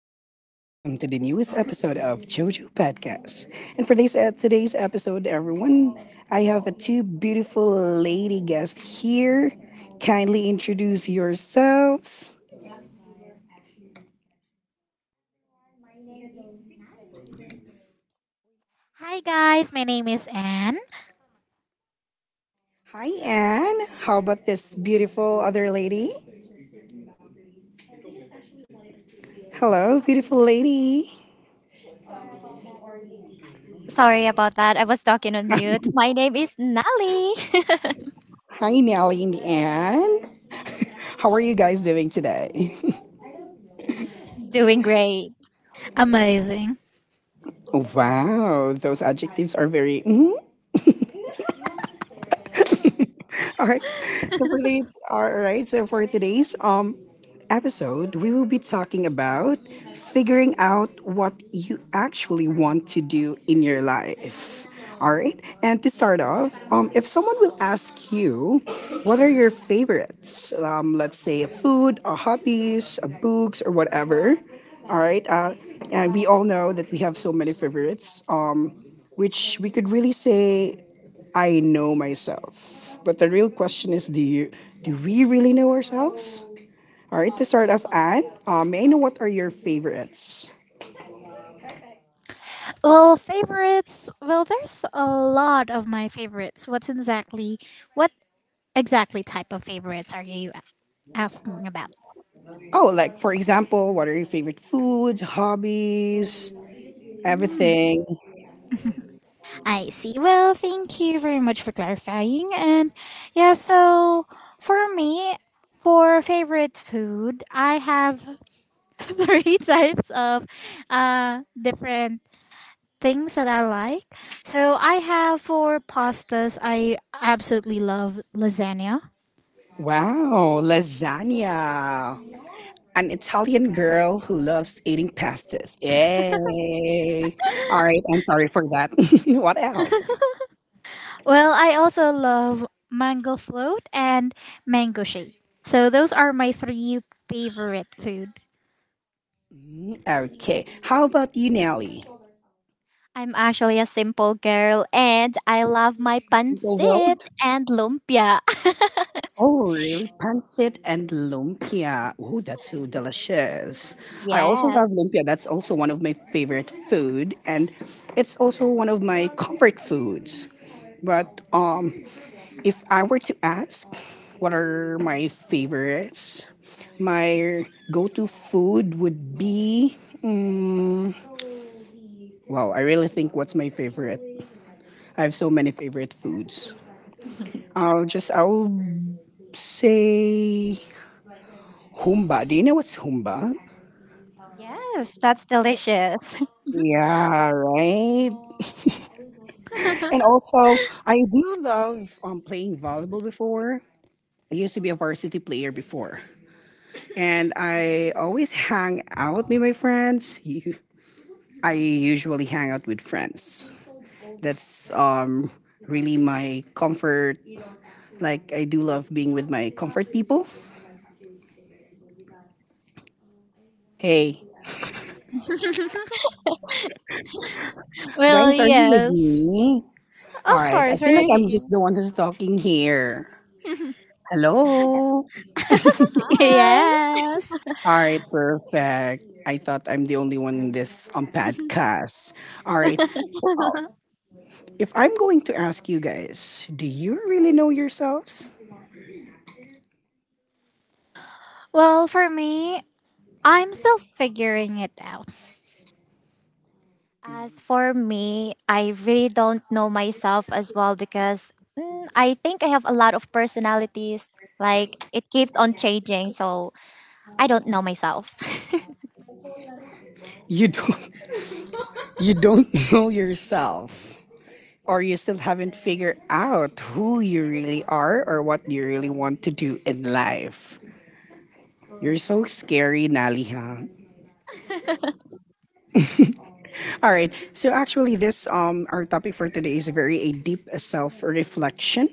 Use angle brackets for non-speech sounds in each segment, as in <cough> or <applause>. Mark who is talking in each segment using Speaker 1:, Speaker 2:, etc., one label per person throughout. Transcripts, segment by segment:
Speaker 1: Jose, and welcome to the newest episode of JoJo Podcast. And for this today's episode, everyone, I have a two beautiful lady guests here. Kindly introduce yourselves.
Speaker 2: Hi guys, my name is Anne.
Speaker 1: Hi, Anne. How about this beautiful other lady? Hello, beautiful lady.
Speaker 3: Sorry about that. I was talking on mute. My name is Nali. <laughs>
Speaker 1: Hi, Nelly and Anne. How are you guys doing today? <laughs>
Speaker 3: Doing great.
Speaker 2: Amazing.
Speaker 1: Wow, those adjectives are very. Mhm. All right. So for the All right. So for today's episode, we will be talking about figuring out what you actually want to do in your life. All right. And to start off, if someone will ask you, what are your favorites? Let's say food, or hobbies, or books, or whatever. All right. And we all know that we have so many favorites. Which we could really say I know myself. But the real question is, do we really know ourselves? All right, to start off, Anne, may I know what are your favorites?
Speaker 2: Well, favorites. Well, there's a lot of my favorites. What's exactly, what exactly type of favorites are you asking about?
Speaker 1: Oh, like for example, what are your favorite foods, hobbies,
Speaker 2: Mm,
Speaker 1: everything?
Speaker 2: I see. Well, thank you very much for clarifying. And yeah, so for me, for favorite food, I have <laughs> three types of different things that I like. So I have for pastas, I absolutely love lasagna.
Speaker 1: Wow, lasagna. An Italian girl who loves eating pastas. Yay. All right, I'm sorry for that. <laughs> What else?
Speaker 2: Well, I also love mango float and mango shake. So those are my three favorite food.
Speaker 1: Mm, okay, how about you, Nelly?
Speaker 3: I'm actually a simple girl and I love my
Speaker 1: Simple
Speaker 3: pancit
Speaker 1: world?
Speaker 3: and lumpia. <laughs>
Speaker 1: Oh, really? Pancit and lumpia. Oh, that's so delicious. I also love
Speaker 3: Yes.
Speaker 1: lumpia. That's also one of my favorite food, and it's also one of my comfort foods. But If I were to ask, what are my favorites? My go-to food would be. Wow, I really think what's my favorite. I have so many favorite foods. I'll say Humba. Do you know what's Humba?
Speaker 3: Yes, that's delicious.
Speaker 2: <laughs>
Speaker 1: Yeah, right. And also, I do love playing volleyball before. I used to be a varsity player before. And I always hang out with my friends. I usually hang out with friends. That's Really my comfort. Like, I do love being with my comfort people. Hey,
Speaker 2: Well,
Speaker 1: guys, are you with
Speaker 2: yes.
Speaker 1: me? All
Speaker 2: Of
Speaker 1: right. I
Speaker 2: course,
Speaker 1: feel like
Speaker 2: we're
Speaker 1: I'm just
Speaker 2: here.
Speaker 1: the one who's talking here. Hello.
Speaker 3: <laughs>
Speaker 2: <laughs>
Speaker 3: Hi.
Speaker 2: yes.
Speaker 1: All right, perfect. I thought I'm the only one in this podcast. All right. For- uh, If I'm going to ask you guys, do you really know yourselves?
Speaker 2: Well, for me, I'm still figuring it out.
Speaker 3: As for me, I really don't know myself as well because I think I have a lot of personalities. Like it keeps on changing, so I don't know myself. <laughs>
Speaker 1: You don't <laughs> You don't know yourself or you still haven't figured out who you really are or what you really want to do in life. You're so scary, Nali, huh? All right. So actually this our topic for today is very a deep self-reflection.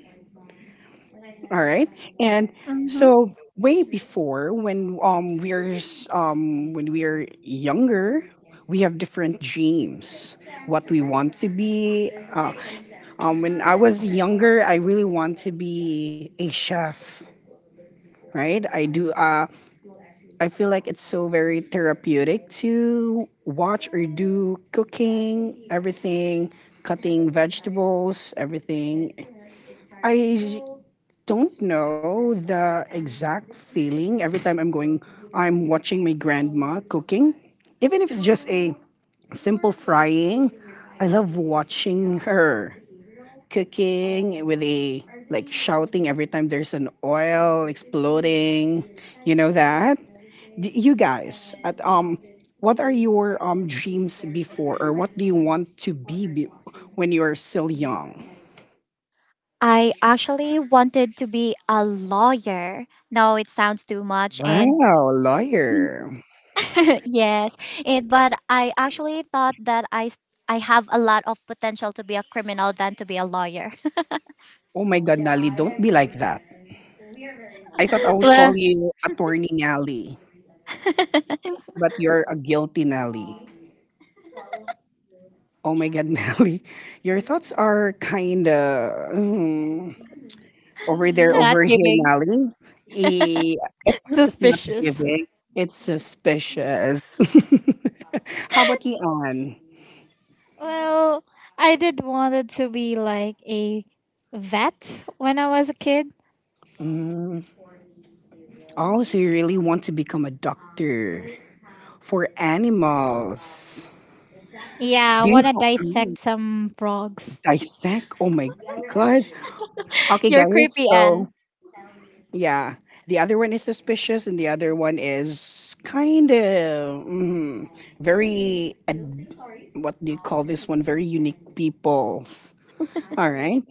Speaker 1: All right. And
Speaker 2: Mm-hmm.
Speaker 1: so way before when when we're younger, we have different dreams. What we want to be. When I was younger, I really want to be a chef. Right? I do. I feel like it's so very therapeutic to watch or do cooking, everything, cutting vegetables, everything. I don't know the exact feeling every time I'm watching my grandma cooking. Even if it's just a simple frying, I love watching her cooking with a like shouting every time there's an oil exploding. You know that? You guys, what are your dreams before, or what do you want to be when you are still young?
Speaker 3: I actually wanted to be a lawyer. No, it sounds too much. And
Speaker 1: Wow, lawyer.
Speaker 3: <laughs> yes, but I actually thought that I have a lot of potential to be a criminal than to be a lawyer. <laughs>
Speaker 1: Oh my God, Nally, don't be like that. I thought I would call
Speaker 2: Well,
Speaker 1: you Attorney Nally, but you're a guilty Nally. Oh my God, <laughs> Nally. Your thoughts are kind of over there,
Speaker 3: Not
Speaker 1: over here,
Speaker 3: giving.
Speaker 1: Nally. Eh, it's not
Speaker 2: suspicious.
Speaker 1: giving, it's suspicious. <laughs> How about you, Anne?
Speaker 2: Well, I did wanted to be like a vet when I was a kid.
Speaker 1: Mm. Oh, so you really want to become a doctor for animals?
Speaker 2: Yeah, I
Speaker 1: Do you
Speaker 2: want to
Speaker 1: Mm,
Speaker 2: dissect some frogs.
Speaker 1: Dissect? Oh my god! Okay,
Speaker 3: You're
Speaker 1: guys.
Speaker 3: creepy,
Speaker 1: So
Speaker 3: Anne.
Speaker 1: yeah, the other one is suspicious, and the other one is kind of very what do you call this one? Very unique people. All right,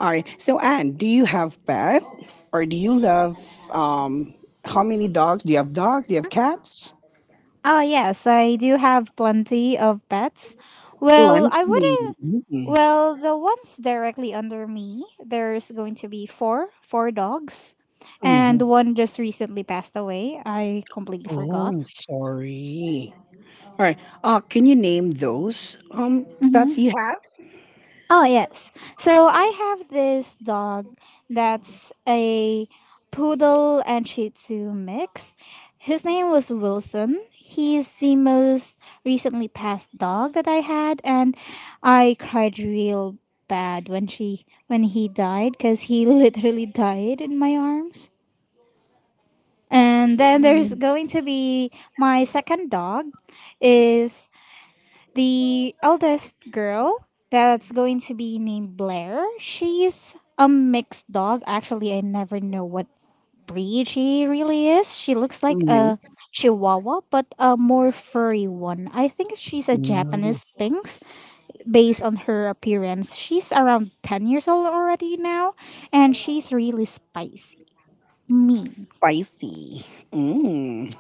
Speaker 1: all right. So Anne, do you have pet, or do you love? Um, how many dogs do you have? Dogs? Do you have cats?
Speaker 2: Oh yes, I do have plenty of pets. Well, I
Speaker 1: Plenty.
Speaker 2: wouldn't. Well, the ones directly under me, there's going to be four dogs, and
Speaker 1: Mm-hmm.
Speaker 2: one just recently passed away. I completely
Speaker 1: Oh,
Speaker 2: forgot.
Speaker 1: I'm sorry. All right. Can you name those pets
Speaker 2: Mm-hmm.
Speaker 1: you have?
Speaker 2: Oh, yes. So I have this dog that's a poodle and shih tzu mix. His name was Wilson. He's the most recently passed dog that I had, and I cried real bad when she when he died, cuz he <laughs> literally died in my arms. And then there's going to be my second dog is the eldest girl that's going to be named Blair. She's a mixed dog. Actually, I never know what breed she really is. She looks like a chihuahua, but a more furry one. I think she's a
Speaker 1: Mm-hmm.
Speaker 2: Japanese Sphinx based on her appearance. She's around 10 years old already now, and she's really spicy, mean.
Speaker 1: Spicy. Mm.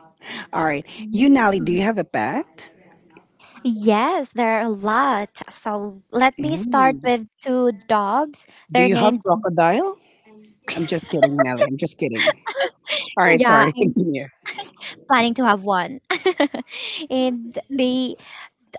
Speaker 1: All right. You, Nelly,
Speaker 3: Mm.
Speaker 1: do you have a pet?
Speaker 3: Yes, there are a lot. So let me start
Speaker 1: Mm.
Speaker 3: with two dogs.
Speaker 1: Do
Speaker 3: They're
Speaker 1: you have
Speaker 3: named.
Speaker 1: crocodile? I'm just kidding, Nelly. I'm just kidding. All right.
Speaker 3: Yeah,
Speaker 1: Sorry. <laughs>
Speaker 3: I'm
Speaker 1: Continue.
Speaker 3: planning to have one. <laughs> and they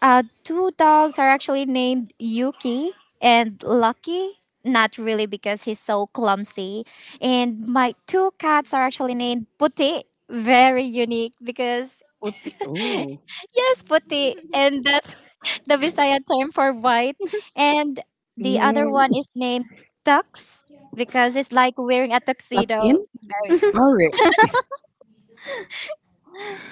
Speaker 3: Two dogs are actually named Yuki and Lucky. Not really because he's so clumsy. And my two cats are actually named Puti. Very unique because,
Speaker 1: What the? Oh.
Speaker 3: yes, Puti. And that's <laughs> the Visaya term for white. And the other
Speaker 1: Mm.
Speaker 3: one is named Tux because it's like wearing a
Speaker 1: Not
Speaker 3: tuxedo.
Speaker 1: in?
Speaker 3: Very,
Speaker 1: All right.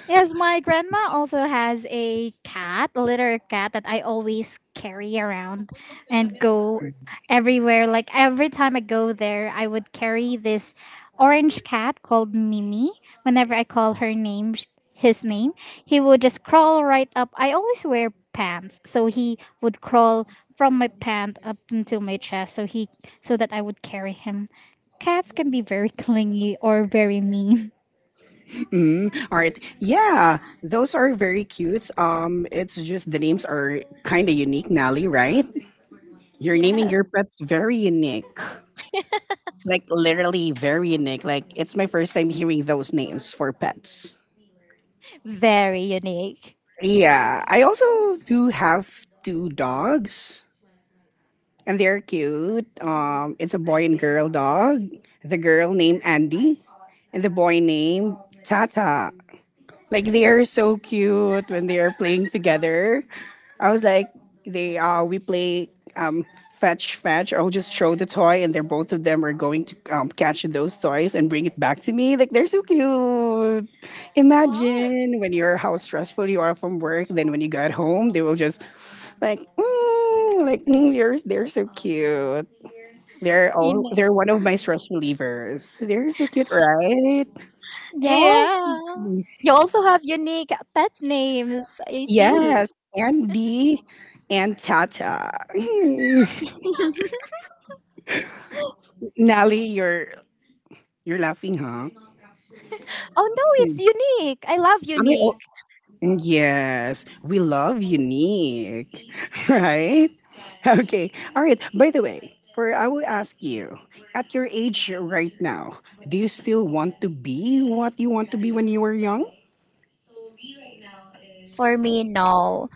Speaker 2: Yes, my grandma also has a cat, a litter cat that I always carry around and go everywhere. Like every time I go there, I would carry this orange cat called Mimi. Whenever I call her name, his name, he would just crawl right up. I always wear pants, so he would crawl from my pant up until my chest, so he so that I would carry him. Cats can be very <laughs> clingy or very mean.
Speaker 1: Mm. All right. Yeah. Those are very cute. It's just the names are kind of unique, Nelly, right?
Speaker 3: <laughs>
Speaker 1: You're naming
Speaker 3: yes,
Speaker 1: your pets very unique. Like literally very unique. Like it's my first time hearing those names for pets.
Speaker 3: very unique.
Speaker 1: Yeah, I also do have two dogs, and they're cute. It's a boy and girl dog. The girl named Andy, and the boy named Tata. Like they are so cute when they are playing together. I was like, they we play um fetch. I'll just throw the toy, and they're both of them are going to catch those toys and bring it back to me. Like they're so cute.
Speaker 3: Wow.
Speaker 1: Imagine when you're how stressful you are from work. Then when you got home, they will just like mm, you're they're so cute. They're all
Speaker 3: Unique.
Speaker 1: they're one of my stress relievers. They're so cute, right?
Speaker 3: Yes, you also have unique pet names. I see.
Speaker 1: Yes, Andy and Tata. <laughs> Mm. Nelly, you're laughing, huh?
Speaker 3: Oh no, it's
Speaker 1: Mm.
Speaker 3: unique. I love
Speaker 1: Am I
Speaker 3: unique.
Speaker 1: o- Yes, we love unique, <laughs> right? Okay, all right. By the way, for I will ask you, at your age right now, do you still want to be what you want to be when you were young?
Speaker 3: For me, no.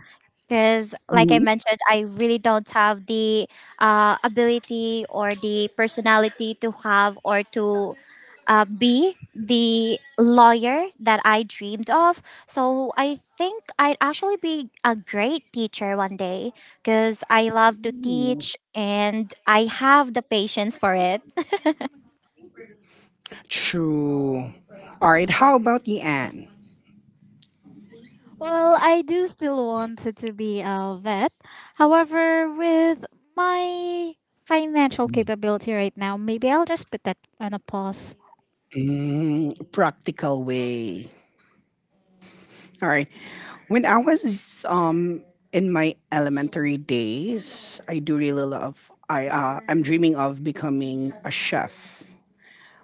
Speaker 3: Because, like I
Speaker 1: Mhm.
Speaker 3: mentioned, I really don't have the ability or the personality to have or to be the lawyer that I dreamed of. So, I think I'd actually be a great teacher one day because I love to
Speaker 1: Mm,
Speaker 3: teach and I have the patience for it. <laughs>
Speaker 1: true. All right. How about you, Anne?
Speaker 2: Well, I do still wanted to be a vet. However, with my financial capability right now, maybe I'll just put that on a pause.
Speaker 1: Mm, practical way. All right. When I was um in my elementary days, I do really love I I'm dreaming of becoming a chef.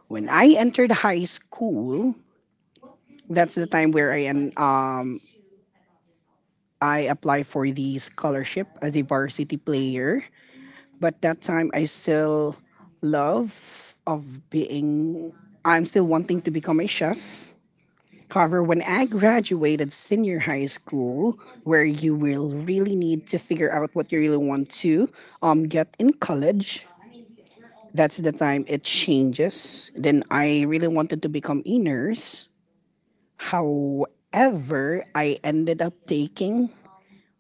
Speaker 1: When I entered high school, that's the time where I applied for the scholarship as a varsity player. But that time I still love of being I'm still wanting to become a chef. However, when I graduated senior high school, where you will really need to figure out what you really want to get in college, that's the time it changes. Then I really wanted to become a nurse. However, I ended up taking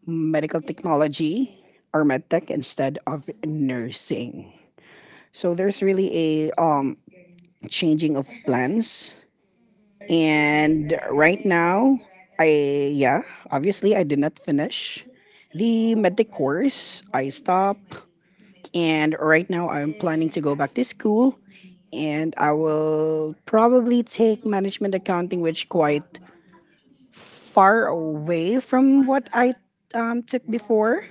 Speaker 1: medical technology or medtech instead of nursing. So there's really a changing of plans. And right now, I, yeah, obviously I did not finish the medic course. I stopped. And right now, I'm planning to go back to school. And I will probably take management accounting, which quite far away from what I took before.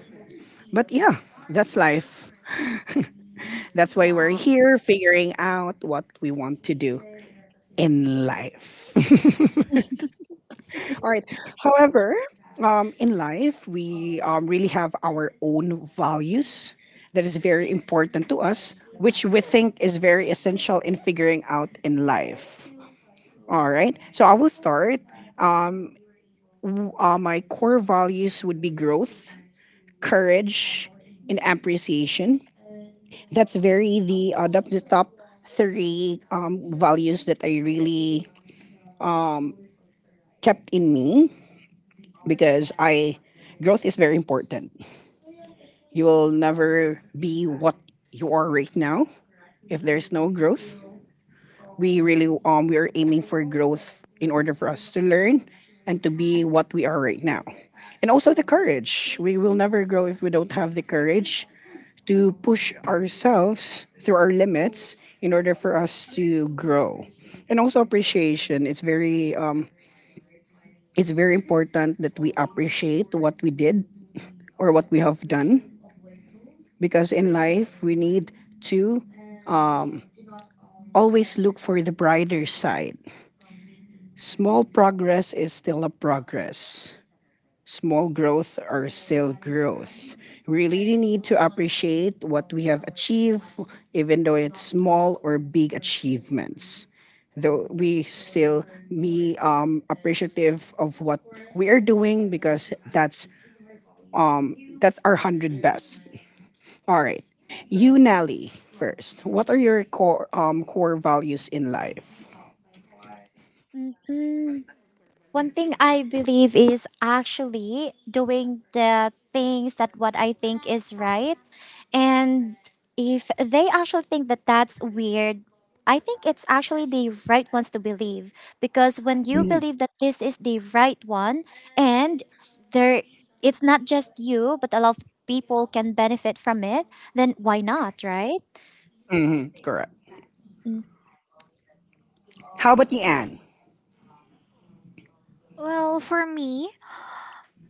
Speaker 1: But yeah, that's life. That's why we're
Speaker 3: Wow.
Speaker 1: here, figuring out what we want to do in life. <laughs> All right. However, in life, we really have our own values that is very important to us, which we think is very essential in figuring out in life. All right. So I will start. My core values would be growth, courage, and appreciation. That's very the that's the top three values that I really kept in me because I growth is very important. You will never be what you are right now if there's no growth. We are aiming for growth in order for us to learn and to be what we are right now. And also the courage. We will never grow if we don't have the courage to push ourselves through our limits in order for us to grow. And also appreciation. It's very important that we appreciate what we did or what we have done because in life we need to um, always look for the brighter side. Small progress is still a progress. Small growth are still growth. We really need to appreciate what we have achieved, even though it's small or big achievements. Though we still be appreciative of what we are doing because that's our hundred best. All right. You, Nelly, first. What are your core values in life?
Speaker 3: One thing I believe is actually doing the things that what I think is right. And if they actually think that that's weird, I think it's actually the right ones to believe because when you
Speaker 1: Mhm.
Speaker 3: believe that this is the right one and there it's not just you but a lot of people can benefit from it, then why not, right?
Speaker 1: Mhm. Correct. How about you, Anne?
Speaker 2: Well, for me,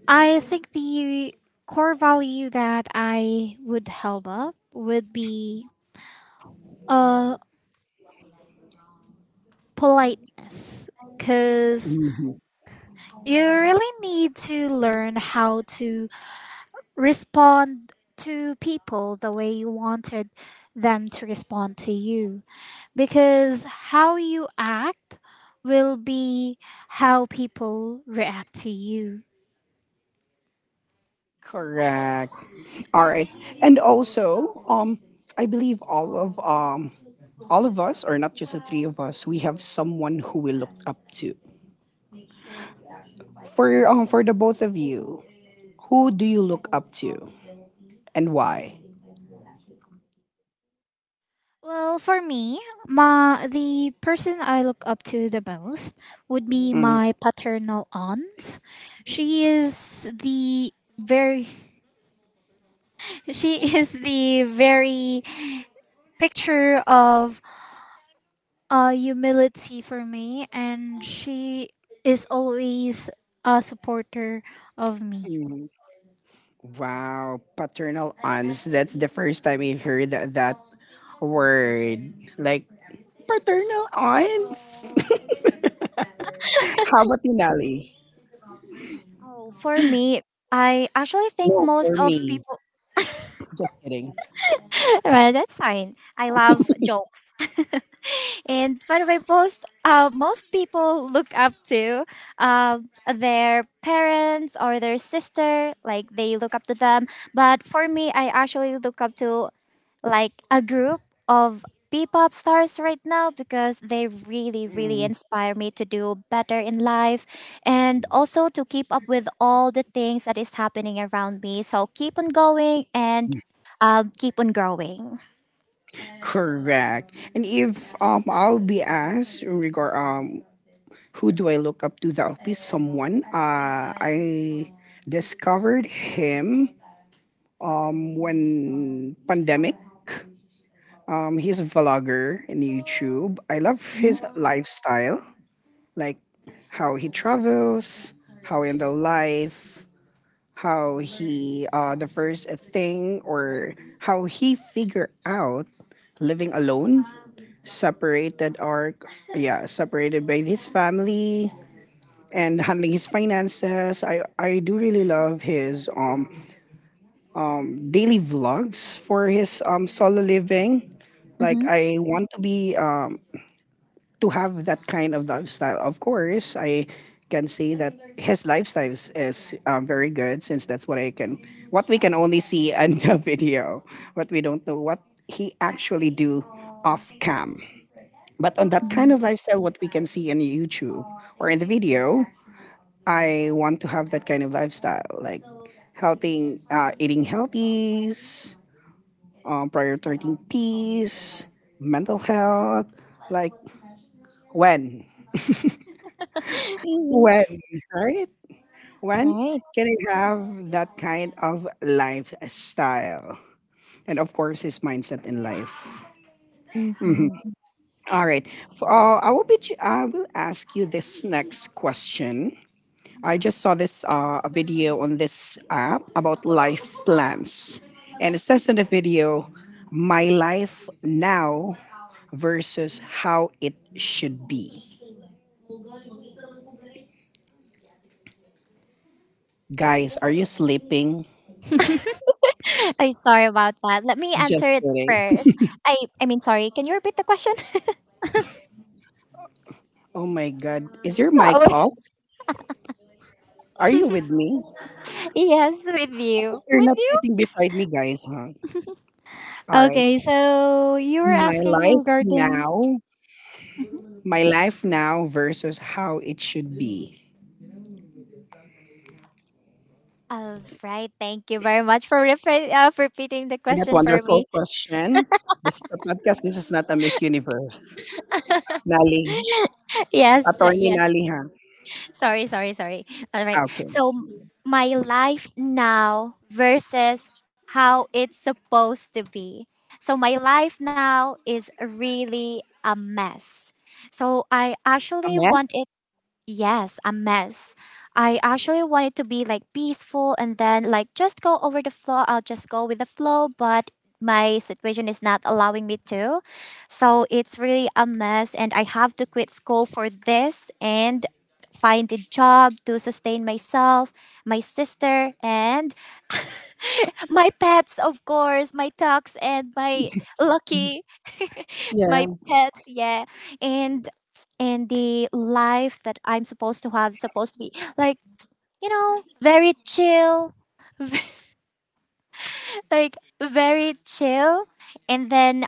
Speaker 2: I think the core value that I would help up would be uh politeness, cuz
Speaker 1: Mhm.
Speaker 2: you really need to learn how to respond to people the way you wanted them to respond to you, because how you act will be how people react to you.
Speaker 1: Correct. All right. And also, I believe all of us, or not just the three of us, we have someone who we look up to. For the both of you, who do you look up to and why?
Speaker 2: Well, for me, my the person I look up to the most would be
Speaker 1: Mhm.
Speaker 2: my paternal aunt. She is the very <laughs> she is the very picture of humility for me, and she is always a supporter of me.
Speaker 1: Mhm. Wow, paternal aunts. That's the first time I heard that, word. Like paternal aunts. <laughs> How about you, Nelly?
Speaker 3: Oh, for me, I actually think
Speaker 1: No,
Speaker 3: most
Speaker 1: for
Speaker 3: of
Speaker 1: me.
Speaker 3: people.
Speaker 1: Just kidding.
Speaker 3: <laughs> Well, that's fine. I love jokes. <laughs> And by the way, most people look up to uh, their parents or their sister. Like they look up to them. But for me, I actually look up to like a group of P-pop stars right now because they really, really
Speaker 1: Mm,
Speaker 3: inspire me to do better in life and also to keep up with all the things that is happening around me. So keep on going and keep on growing.
Speaker 1: correct. And if I'll be asked in regard who do I look up to? That would be someone. I discovered him when pandemic. He's a vlogger in YouTube. I love
Speaker 3: Mm-hmm.
Speaker 1: his lifestyle, like how he travels, how in the life, how he figure out living alone, separated or yeah, separated by his family, and handling his finances. I do really love his daily vlogs for his solo living. Like
Speaker 3: Mm-hmm.
Speaker 1: I want to be to have that kind of lifestyle. Of course, I can see that his lifestyle is very good since that's what I can what we can only see in the <laughs> video. But we don't know what he actually do off cam. But on that
Speaker 3: Mm-hmm.
Speaker 1: kind of lifestyle, what we can see in YouTube or in the video, I want to have that kind of lifestyle, like healthy, eating healthy, prioritizing peace, mental health. Like when, when,
Speaker 3: <laughs>
Speaker 1: right? When
Speaker 3: Right.
Speaker 1: can I have that kind of lifestyle? And of course, his mindset in life. Mhm.
Speaker 3: Mm-hmm.
Speaker 1: All right. For, I will be. Ch- I will ask you this next question. I just saw this a video on this app about life plans, and it says in the video, "My life now versus how it should be." Guys, are you sleeping?
Speaker 3: <laughs> I'm sorry about that. Let me
Speaker 1: Just
Speaker 3: answer it
Speaker 1: kidding.
Speaker 3: first. I Sorry. Can you repeat the question?
Speaker 2: <laughs>
Speaker 1: Oh my God, is your
Speaker 3: <laughs>
Speaker 1: mic
Speaker 3: Oh,
Speaker 1: off? Are you with me?
Speaker 3: yes,
Speaker 1: As if you're
Speaker 3: with
Speaker 1: not
Speaker 3: you.
Speaker 1: sitting beside me, guys, huh? All right.
Speaker 2: Okay, so you were
Speaker 1: My
Speaker 2: asking
Speaker 1: life
Speaker 2: regarding.
Speaker 1: now, my life now versus how it should be.
Speaker 3: All right. Thank you very much for repeating the
Speaker 1: For that
Speaker 3: question for
Speaker 1: wonderful
Speaker 3: me.
Speaker 1: question. This is a podcast. This is not a Miss Universe. Nali.
Speaker 3: <laughs> Yes,
Speaker 1: Attorney
Speaker 3: yes.
Speaker 1: Nali, ha?
Speaker 3: <laughs> Sorry. All right.
Speaker 1: Ah, okay.
Speaker 3: So my life now versus how it's supposed to be. So my life now is really a mess. So I
Speaker 1: A
Speaker 3: actually
Speaker 1: mess?
Speaker 3: want it. Yes, a mess. I actually want it to be like peaceful and then like just go over the flow. I'll just go with the flow, but my situation is not allowing me to. So it's really a mess and I have to quit school for this and find a job to sustain myself, my sister and <laughs> my pets, of course, my dogs and my
Speaker 1: <laughs>
Speaker 3: lucky,
Speaker 1: Yeah.
Speaker 3: my pets, yeah, and and the life that I'm supposed to have is supposed to be like, you know, very chill, like very chill. And then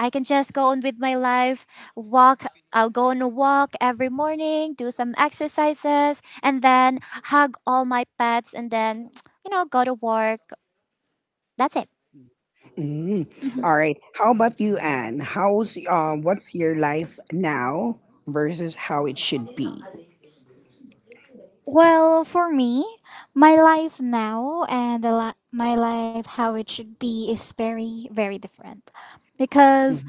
Speaker 3: I can just go on with my life, walk, I'll go on a walk every morning, do some exercises, and then hug all my pets and then, go to work. That's it.
Speaker 1: Mm.
Speaker 2: Mhm.
Speaker 1: All right. How about you, Anne? How's, what's your life now versus how it should be?
Speaker 2: Well, for me, my life now and my life how it should be is very, very different. Because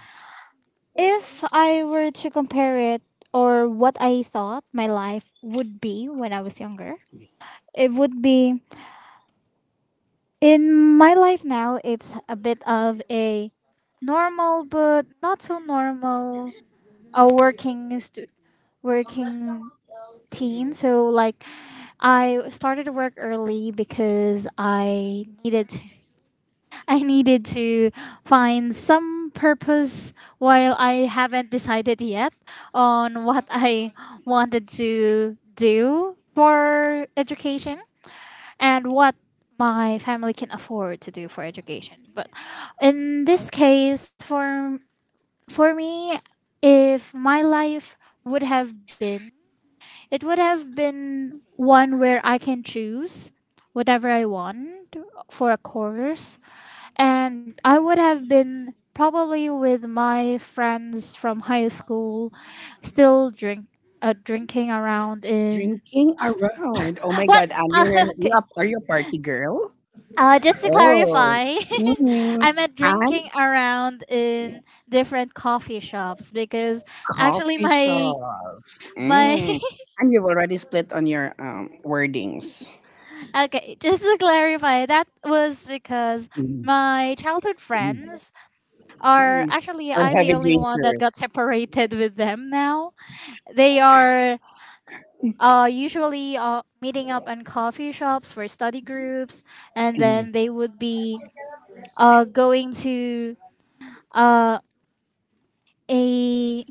Speaker 2: if I were to compare it or what I thought my life would be when I was younger, it would be, in my life now, it's a bit of a normal but not so normal, a working teen. So like I started work early because I needed <laughs> I needed to find some purpose while I haven't decided yet on what I wanted to do for education and what my family can afford to do for education. But in this case, for me, if my life would have been, it would have been one where I can choose whatever I want for a course, and I would have been probably with my friends from high school, still drinking around in—
Speaker 1: Drinking around. Oh
Speaker 2: <gasps>
Speaker 1: my
Speaker 2: what?
Speaker 1: God, Anne,
Speaker 2: <laughs> okay.
Speaker 1: are you a party girl?
Speaker 2: Just to
Speaker 1: Oh.
Speaker 2: clarify, <laughs>
Speaker 1: Mm.
Speaker 2: I meant drinking
Speaker 1: Anne,
Speaker 2: around in different coffee shops, because actually
Speaker 1: coffee
Speaker 2: my
Speaker 1: shops.
Speaker 2: my
Speaker 1: Mm.
Speaker 2: <laughs>
Speaker 1: And you've already split on your wordings.
Speaker 2: okay, just to clarify, that was because
Speaker 1: Mm,
Speaker 2: my childhood
Speaker 1: mm,
Speaker 2: friends are
Speaker 1: mm.
Speaker 2: actually,
Speaker 1: Or
Speaker 2: I'm the
Speaker 1: heavy
Speaker 2: only one that
Speaker 1: drinkers.
Speaker 2: got separated with them now. They are usually meeting up in coffee shops for study groups, and
Speaker 1: Mm.
Speaker 2: then they would be going to uh, a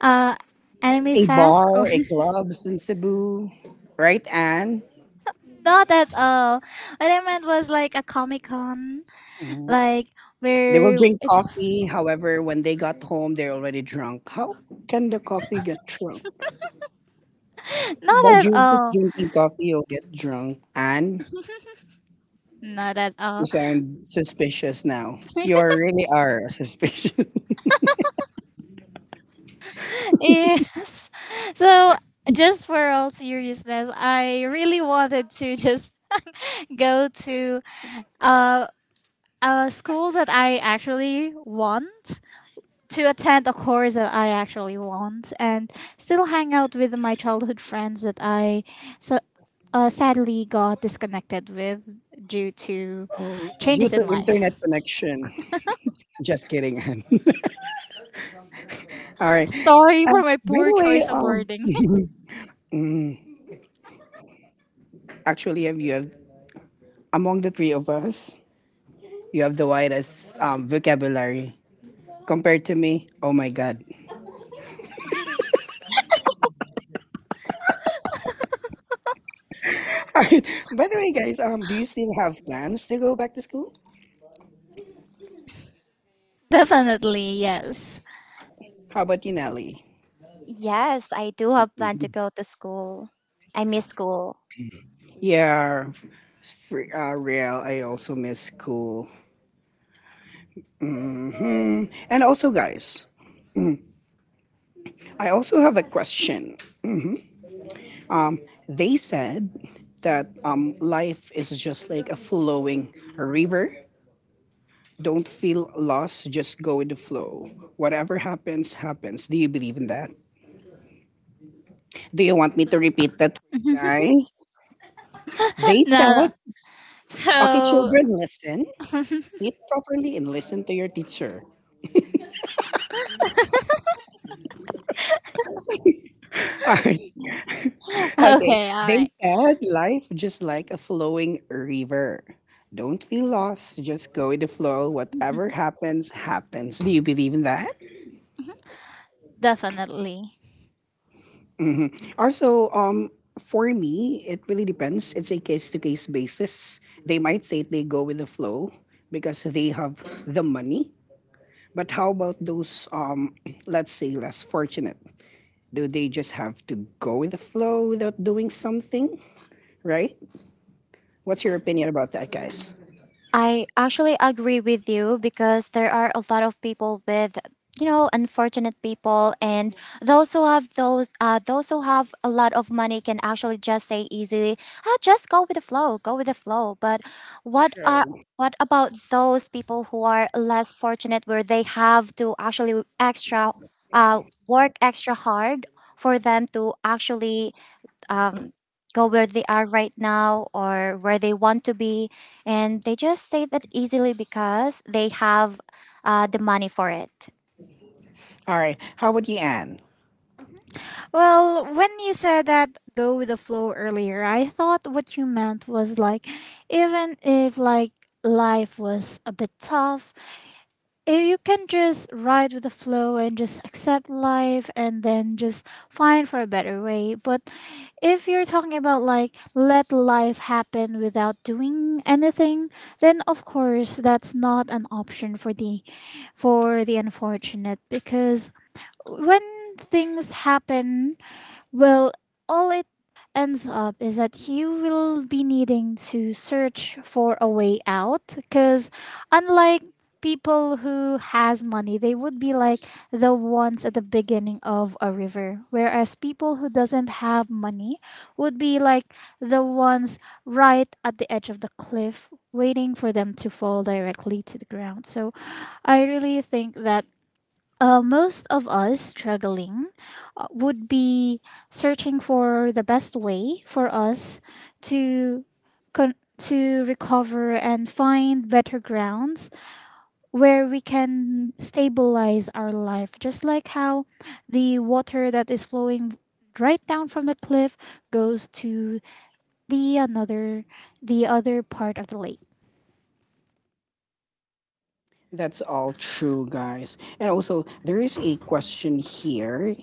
Speaker 2: uh, anime
Speaker 1: A
Speaker 2: fest or—
Speaker 1: bar, a clubs in Cebu, right, Anne?
Speaker 2: <laughs> not at all. What I meant was like a comic con,
Speaker 1: Mm.
Speaker 2: like
Speaker 1: They will
Speaker 2: where
Speaker 1: drink
Speaker 2: it's—
Speaker 1: coffee. However, when they got home, they're already drunk. How can the coffee get drunk?
Speaker 2: <laughs> not
Speaker 1: By
Speaker 2: at
Speaker 1: you just
Speaker 2: all.
Speaker 1: drinking coffee, you'll get drunk. Anne,
Speaker 2: Not at
Speaker 1: you
Speaker 2: all.
Speaker 1: sound suspicious now.
Speaker 2: <laughs>
Speaker 1: Really are suspicious.
Speaker 2: yes. So, just for all seriousness, I really wanted to just <laughs> go to uh, a school that I actually want, to attend a course that I actually want, and still hang out with my childhood friends that I so sadly got disconnected with due to
Speaker 1: <laughs> Oh, due
Speaker 2: changes
Speaker 1: to
Speaker 2: in
Speaker 1: internet
Speaker 2: life. <laughs>
Speaker 1: connection. Just kidding, Anne. <laughs> All right.
Speaker 2: Sorry for my
Speaker 1: By
Speaker 2: poor
Speaker 1: the way,
Speaker 2: choice of wording.
Speaker 1: <laughs> actually, you have among the three of us, you have the widest vocabulary compared to me. Oh my god! <laughs> All right. By the way, guys, do you still have plans to go back to school?
Speaker 2: <laughs> Definitely, yes.
Speaker 1: How about you, Nelly?
Speaker 3: Yes, I do have plan to go to school. I miss school.
Speaker 1: Yeah, for, real. I also miss school. Mm. And also, guys, I also have a question. They said that life is just like a flowing river. Don't feel lost, just go with the flow. Whatever happens, happens. Do you believe in that? Do you want me to repeat that for you guys? They
Speaker 2: No,
Speaker 1: said, okay,
Speaker 2: so,
Speaker 1: children, listen, sit properly and listen to your teacher. <laughs> All right. Okay.
Speaker 2: okay, all
Speaker 1: They
Speaker 2: right.
Speaker 1: said life just like a flowing river. Don't feel lost, just go with the flow. Whatever happens, happens. Do you believe in that?
Speaker 2: Definitely.
Speaker 1: Hmm. Also, for me, it really depends. It's a case to case basis. They might say they go with the flow because they have the money. But how about those, let's say, less fortunate? Do they just have to go with the flow without doing something? Right? What's your
Speaker 3: Mhm.
Speaker 1: opinion about that, guys?
Speaker 3: I actually agree with you because there are a lot of people with, you know, unfortunate people and those who have those who have a lot of money can actually just say easily, ah, just go with the flow, go with the flow. But what are what about those people who are less fortunate where they have to actually extra, work extra hard for them to actually um, go where they are right now or where they want to be. And they just say that easily because they have the money for it.
Speaker 1: All right. How about you, Anne?
Speaker 2: Well, when you said that go with the flow earlier, I thought what you meant was like, even if like life was a bit tough, if you can just ride with the flow and just accept life and then just find for a better way. But if you're talking about like let life happen without doing anything, then of course that's not an option for the unfortunate, because when things happen, well, all it ends up is that you will be needing to search for a way out, because unlike people who has money, they would be like the ones at the beginning of a river, whereas people who doesn't have money would be like the ones right at the edge of the cliff waiting for them to fall directly to the ground. So I really think that most of us struggling would be searching for the best way for us to to recover and find better grounds where we can stabilize our life, just like how the water that is flowing right down from the cliff goes to the another the other part of the lake.
Speaker 1: That's all true, guys. And also, there is a question here.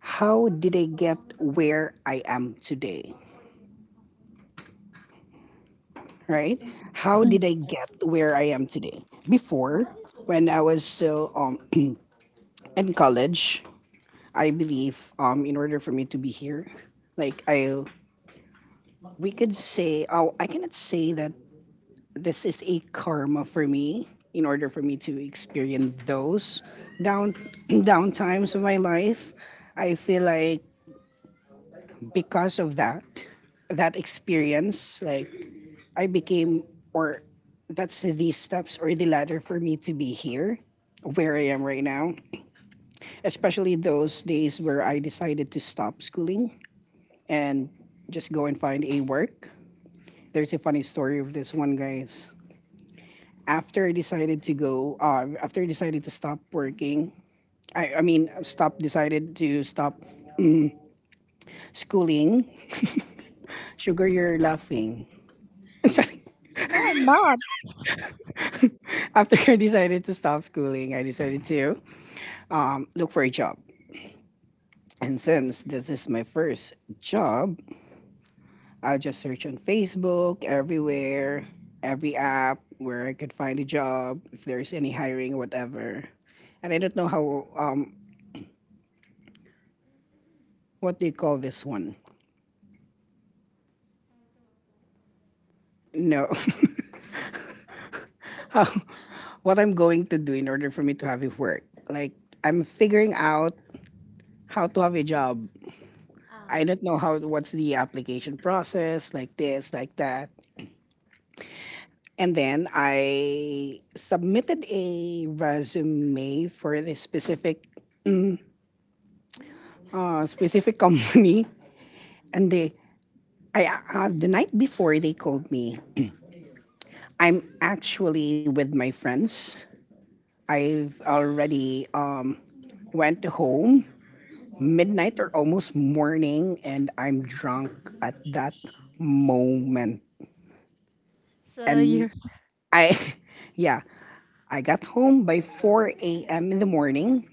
Speaker 1: How did I get where I am today, right? How
Speaker 3: Mm.
Speaker 1: did I get where I am today? Before, when I was still <clears throat> in college, I believe in order for me to be here, like I, we could say, oh, I cannot say that this is a karma for me. In order for me to experience those down <clears throat> down times of my life, I feel like because of that, that experience, like I became, or that's these steps or the ladder for me to be here where I am right now, especially those days where I decided to stop schooling and just go and find a work. There's a funny story of this one, guys. After I decided to stop working, decided to stop schooling, Sugar, you're laughing. <laughs> Sorry.
Speaker 3: No, I'm not.
Speaker 1: After I decided to stop schooling, I decided to look for a job. And since this is my first job, I will just search on Facebook, everywhere, every app where I could find a job, if there's any hiring, whatever. And I don't know how, what do you call this one? No, <laughs> how, what I'm going to do in order for me to have it work. Like, I'm figuring out how to have a job. I
Speaker 3: Um,
Speaker 1: don't know how, what's the application process, like this, like that. And then I submitted a resume for this specific <laughs> company, and I the night before they called me. I'm actually with my friends. I've already went home midnight or almost morning, and I'm drunk at that moment.
Speaker 2: So
Speaker 1: And
Speaker 2: you're—
Speaker 1: I, <laughs> yeah, I got home by 4 a.m. in the morning.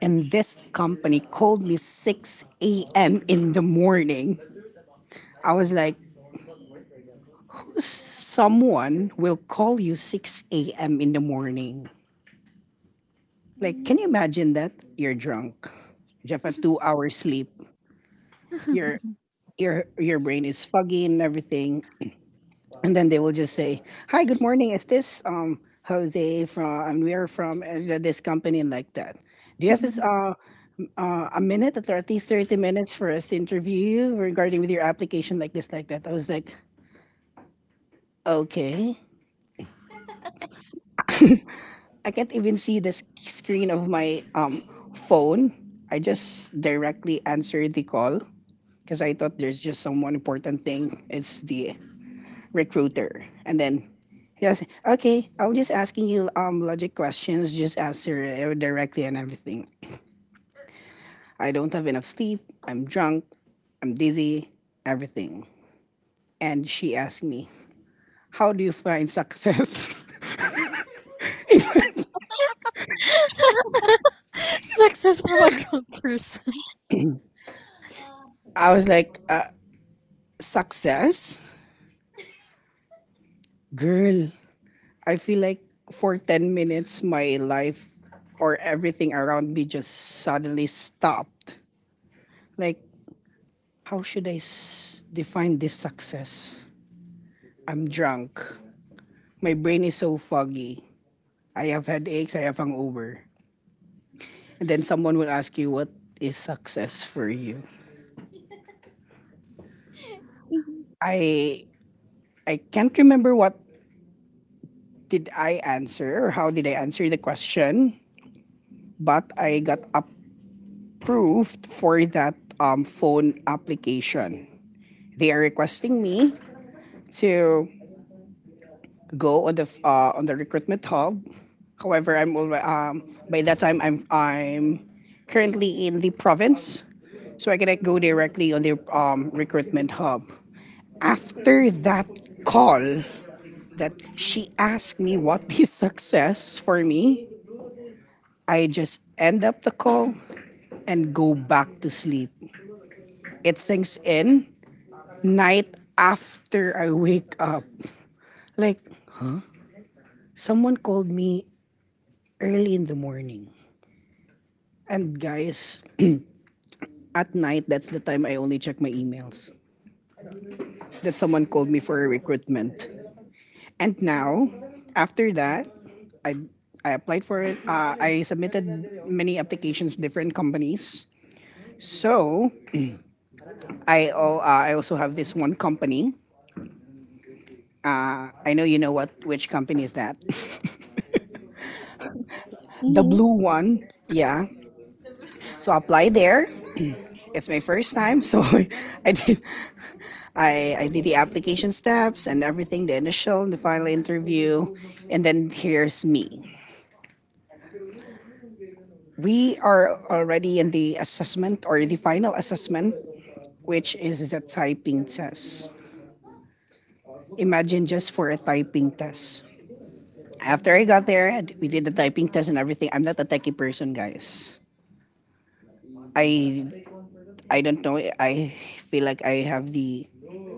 Speaker 1: And this company called me 6 a.m. in the morning. I was like, someone will call you 6 a.m. in the morning. Like,
Speaker 3: Mm-hmm.
Speaker 1: can you imagine that? You're drunk. You have a 2 hour sleep. Your your brain is foggy and everything. And then they will just say, hi, good morning. Is this Jose from? And we are from this company and like that. Do you have his
Speaker 2: <laughs>
Speaker 1: a minute at least 30 minutes for us to interview you regarding with your application like this like that. I was like, okay, I can't even see the screen of my phone. I just directly answered the call because I thought there's just someone important thing. It's the recruiter. And then yes, okay, I'm just asking you logic questions. Just answer it directly and everything. I don't have enough sleep. I'm drunk. I'm dizzy, everything. And she asked me, how do you find success? <laughs>
Speaker 2: success from a drunk person.
Speaker 1: I was like, success? Girl, I feel like for 10 minutes, my life or everything around me just suddenly stopped. Like, how should I define this success? I'm drunk. My brain is so foggy. I have headaches. I have hangover. And then someone will ask you, what is success for you? I I can't remember what did I answer or how did I answer the question? But I got approved for that phone application. They are requesting me to go on the on the recruitment hub. However, I'm already, by that time I'm currently in the province, so I cannot go directly on the recruitment hub. After that call, that she asked me what <laughs> is success for me, I just end up the call and go back to sleep. It sinks in night after I wake up. Like, someone called me early in the morning. And guys, at night, that's the time I only check my emails. That someone called me for a recruitment. And now, after that, I, I applied for it. I submitted many applications to different companies. So, I also have this one company. I know you know what which company is that. <laughs> The
Speaker 3: Mm-hmm.
Speaker 1: blue one. Yeah. So apply there. It's my first time, so <laughs> I did I did the application steps and everything, the initial and the final interview, and then here's me. We are already in the assessment or the final assessment, which is the typing test. Imagine just for a typing test. After I got there, we did the typing test and everything. I'm not a techie person, guys. I I don't know. I feel like I have the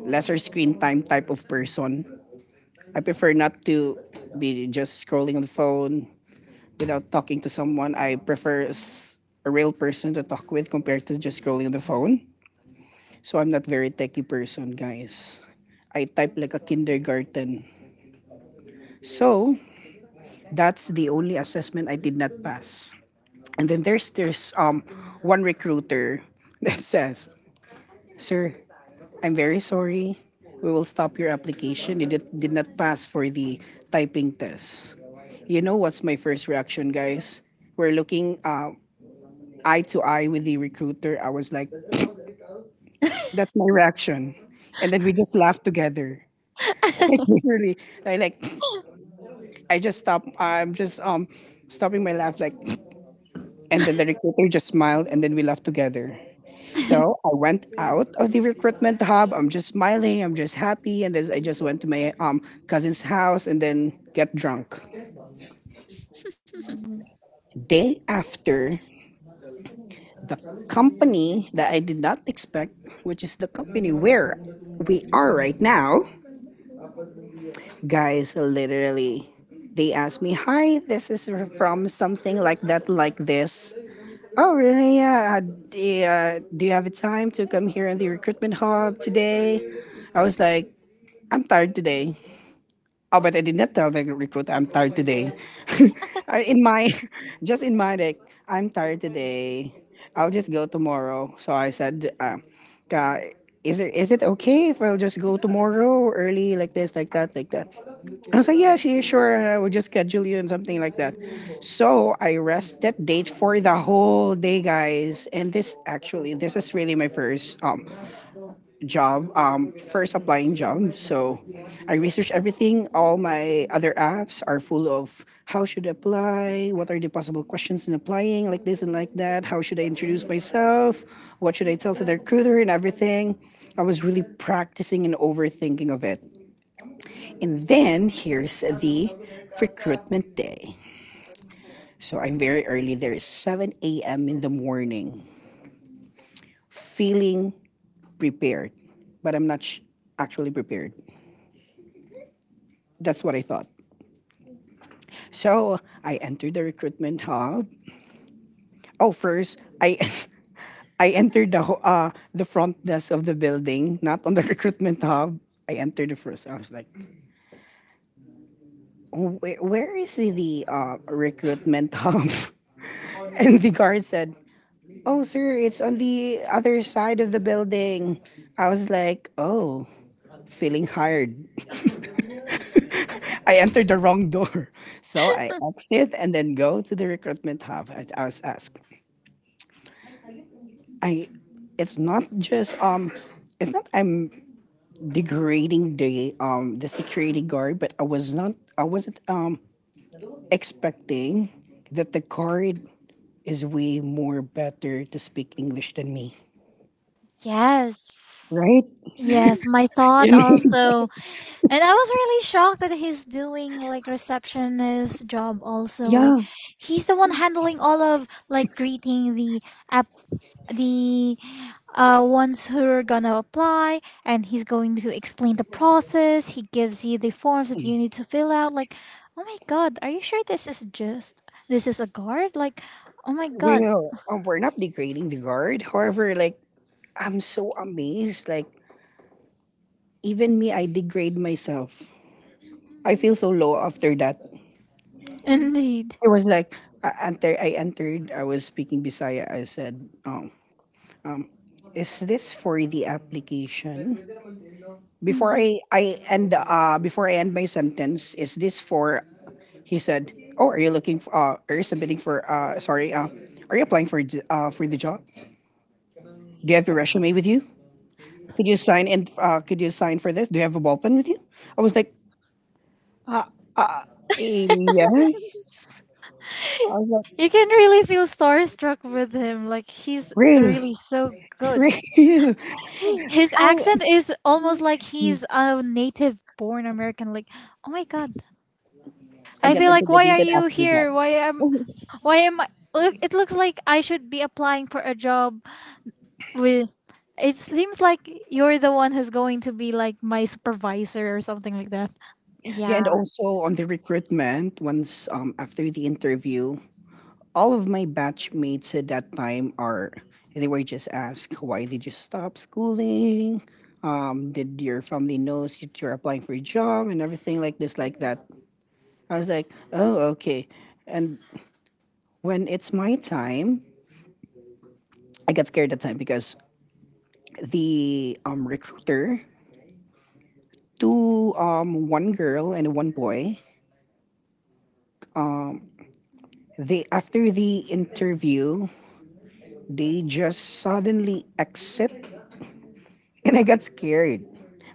Speaker 1: lesser screen time type of person. I prefer not to be just scrolling on the phone without talking to someone. I prefer a real person to talk with compared to just scrolling on the phone. So I'm not very techy person, guys. I type like a kindergarten. So that's the only assessment I did not pass. And then there's one recruiter <laughs> that says, "Sir, I'm very sorry. We will stop your application. It did not pass for the typing test. You know what's my first reaction, guys? We're looking eye to eye with the recruiter. I was like, <clears throat> that's my reaction. And then we just laughed together. <laughs> Like, literally, I like <clears throat> I just stopped. I'm just stopping my laugh like, <clears throat> and then the recruiter just smiled, and then we laughed together. So I went out of the recruitment hub. I'm just smiling. I'm just happy. And then I just went to my cousin's house and then get drunk. Day after, the company that I did not expect, which is the company where we are right now, guys, literally, they asked me, "Hi, this is from something like that, like this." Oh, really? Yeah. Do you have a time to come here in the recruitment hub today? I was like, I'm tired today. Oh, but I did not tell the recruiter I'm tired today. <laughs> In my, <laughs> just in my like, I'm tired today. I'll just go tomorrow. So I said, uh, is it okay if I'll just go tomorrow early like this, like that, like that? I was like, yeah, she sure. I will just schedule you and something like that. So I rested date for the whole day, guys. And this actually, this is really my first job, first applying job. So I research everything. All my other apps are full of how should I apply, what are the possible questions in applying, like this and like that. How should I introduce myself? What should I tell to the recruiter and everything? I was really practicing and overthinking of it. And then here's the recruitment day. So I'm very early there. 7 a.m. in the morning, feeling prepared, but I'm not actually prepared. That's what I thought. So I entered the recruitment hall. Oh, first I <laughs> I entered the the front desk of the building, not on the <laughs> recruitment hub. I entered the first. I was like, oh, "Where is the recruitment hub?" <laughs> And the guard said, "Oh, sir, it's on the other side of the building." I was like, "Oh." Feeling hired. <laughs> I entered the wrong door. <laughs> So I exit and then go to the recruitment hub. I was asked, I it's not just it's not I'm degrading the the security guard, but I was not I wasn't expecting that the guard is way more better to speak English than me.
Speaker 3: Yes.
Speaker 1: Right?
Speaker 3: Mm-hmm.
Speaker 2: Yes, my
Speaker 1: <laughs> You
Speaker 2: thought
Speaker 1: know?
Speaker 2: also. And I was really shocked that he's doing like receptionist job also. Like
Speaker 1: Yeah.
Speaker 2: he's the one handling all of like greeting the app the ones who are gonna apply, and he's going to explain the process. He gives you the forms that you need to fill out. Like, oh my god, are you sure this is a guard? Like, oh my god.
Speaker 1: Well, we're not degrading the guard. However, like I'm so amazed. Like even me, I degrade myself. I
Speaker 2: Mhm.
Speaker 1: feel so low after that.
Speaker 2: Indeed.
Speaker 1: It was like enter, I entered. I was speaking Bisaya. I said, um, "Is this for the application?" Before
Speaker 2: Mhm.
Speaker 1: I end before I end my sentence, "Is this for?" He said, "Oh, are you looking for? Are you submitting for? Sorry. Are you applying for for the job? Do you have your resume with you? Could you sign in? Could you sign for this? Do you have a ball pen with you?" I was like, "Uh, uh yes." I was
Speaker 2: You
Speaker 1: like,
Speaker 2: can really feel starstruck with him. Like he's
Speaker 1: "Real,
Speaker 2: really so good.
Speaker 1: <laughs> real."
Speaker 2: His accent is almost like he's a native born American. Like, oh my god.
Speaker 1: I
Speaker 2: I
Speaker 1: get
Speaker 2: feel like why are
Speaker 1: intimidated
Speaker 2: you
Speaker 1: after that.
Speaker 2: here?
Speaker 3: <laughs>
Speaker 2: Why am I— look, it looks like I should be applying for a job with— it seems like you're the one who's going to be like my supervisor or something like that.
Speaker 1: Yeah, and
Speaker 3: Yeah.
Speaker 1: also on the recruitment, once after the interview, all of my batchmates at that time are they were just asked why did you stop schooling? Did your family knows that you're applying for a job and everything like this like that? I was like, oh okay. And when it's my time, I got scared that time because the recruiter, two one girl and one boy, they after the interview they just suddenly exit, and I got scared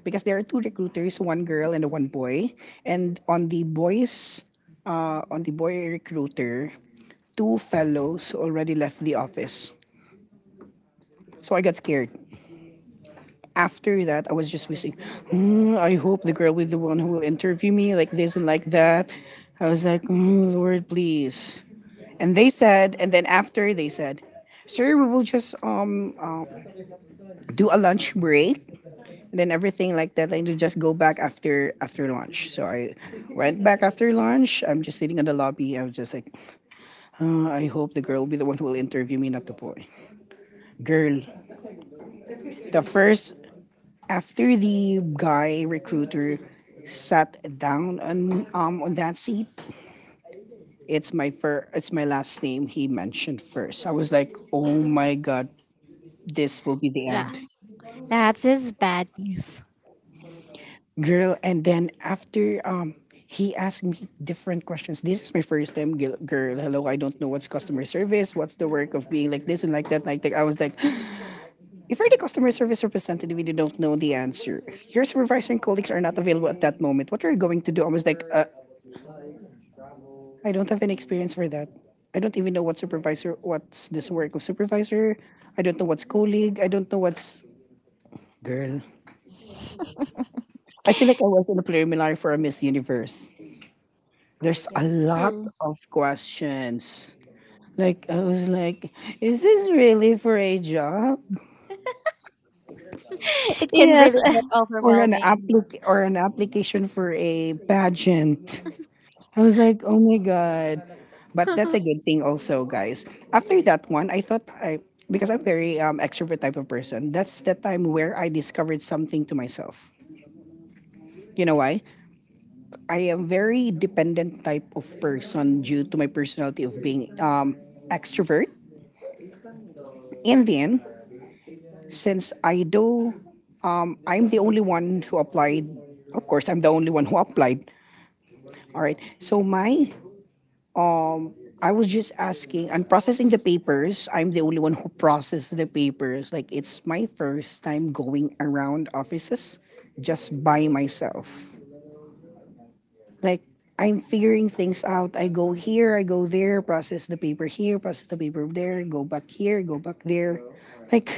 Speaker 1: because there are two recruiters, one girl and one boy, and on the boys, on the boy recruiter, two fellows already left the office, so I got scared. After that, I was just wishing, "Hmm, I hope the girl with the one who will interview me like this and like that. I was like, "Hmm, Lord, please. And they said, and then after they said, sir, we will just do a lunch break and then everything like that. I need to just go back after lunch. So I went back after lunch. I'm just sitting in the lobby. I was just like, "Ah, I hope the girl will be the one who will interview me, not the boy. Girl, the first after the guy recruiter sat down on on that seat, it's my first. It's my last name he mentioned first. I was like, oh my god, this will be the
Speaker 2: Yeah.
Speaker 1: end.
Speaker 2: That's his bad news.
Speaker 1: Girl, and then after he asked me different questions. This is my first time. Girl, hello, I don't know what's customer service, what's the work of being like this and like that, like that. I was like, <gasps> if you're the customer service representative and you don't know the answer, your supervisor and colleagues are not available at that moment, what are you going to do? I was like, I don't have any experience for that. I don't even know what supervisor, what's this work of supervisor. I don't know what's colleague. I don't know what's girl.
Speaker 3: Yeah. <laughs>
Speaker 1: I feel like I was in a preliminary for a Miss Universe. There's a lot
Speaker 2: True.
Speaker 1: of questions. Like I was like, is this really for a job
Speaker 3: It can
Speaker 2: Yes,
Speaker 3: really get
Speaker 2: <laughs>
Speaker 1: or an
Speaker 3: overwhelming.
Speaker 1: applic or an application for a pageant? I was like, oh my god. But that's a good thing also, guys. After that one, I thought I because I'm very extrovert type of person. That's the time where I discovered something to myself. You know why? I am very dependent type of person due to my personality of being extrovert. In the end, since I'm the only one who applied. Of course, I'm the only one who applied. All right. So um, I was just asking and processing the papers. I'm the only one who processed the papers. Like it's my first time going around offices just by myself. Like I'm figuring things out. I go here, I go there, process the paper here, process the paper there, go back here, go back there. Like,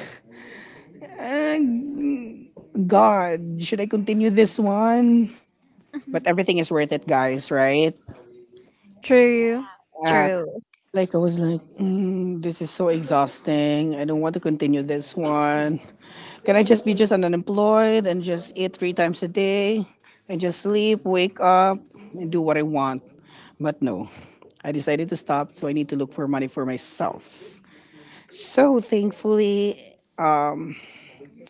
Speaker 1: God, should I continue this one? But everything is worth it, guys, right?
Speaker 3: Yeah.
Speaker 2: true.
Speaker 1: Uh,
Speaker 3: True.
Speaker 1: like I was like, "Mm, this is so exhausting. I don't want to continue this one. Can I just be just an unemployed and just eat three times a day and just sleep, wake up, and do what I want? But no, I decided to stop, so I need to look for money for myself. So thankfully, um,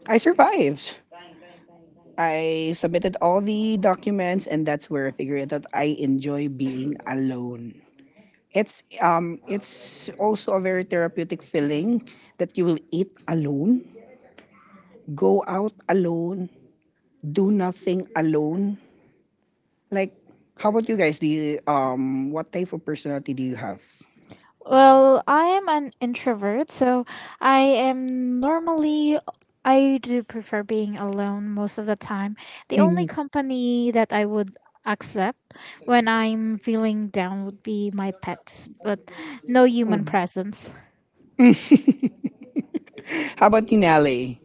Speaker 1: I survived. I submitted all the documents, and that's where I figured out that I enjoy being alone. It's also a very therapeutic feeling that you will eat alone, go out alone, do nothing alone. Like how about you guys? Do you, what type of personality do you have?
Speaker 2: Well, I am an introvert, so I am normally— I do prefer being alone most of the time. The only
Speaker 1: Mm,
Speaker 2: company that I would accept when I'm feeling down would be my pets, but no human presence.
Speaker 1: mm. <laughs> How about you, Nelly?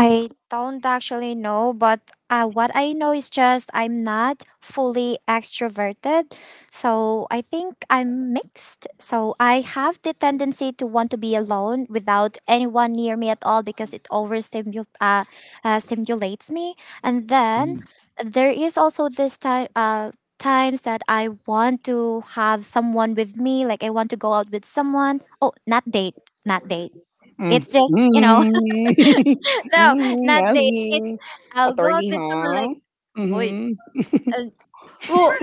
Speaker 3: I don't actually know, but what I know is just I'm not fully extroverted. So I think I'm mixed. So I have the tendency to want to be alone without anyone near me at all because it overstimulates stimulates me. And then
Speaker 1: Mm.
Speaker 3: there is also this time. Times that I want to have someone with me, like I want to go out with someone. Oh, not date, not date. It's
Speaker 1: Mm.
Speaker 3: just, you know,
Speaker 1: <laughs>
Speaker 3: no,
Speaker 1: Mm,
Speaker 3: not date. It's
Speaker 1: Nelly.
Speaker 3: I'll go out
Speaker 1: Attorney,
Speaker 3: with someone like,
Speaker 1: huh?
Speaker 3: oi.
Speaker 1: Mm-hmm.
Speaker 3: And oh,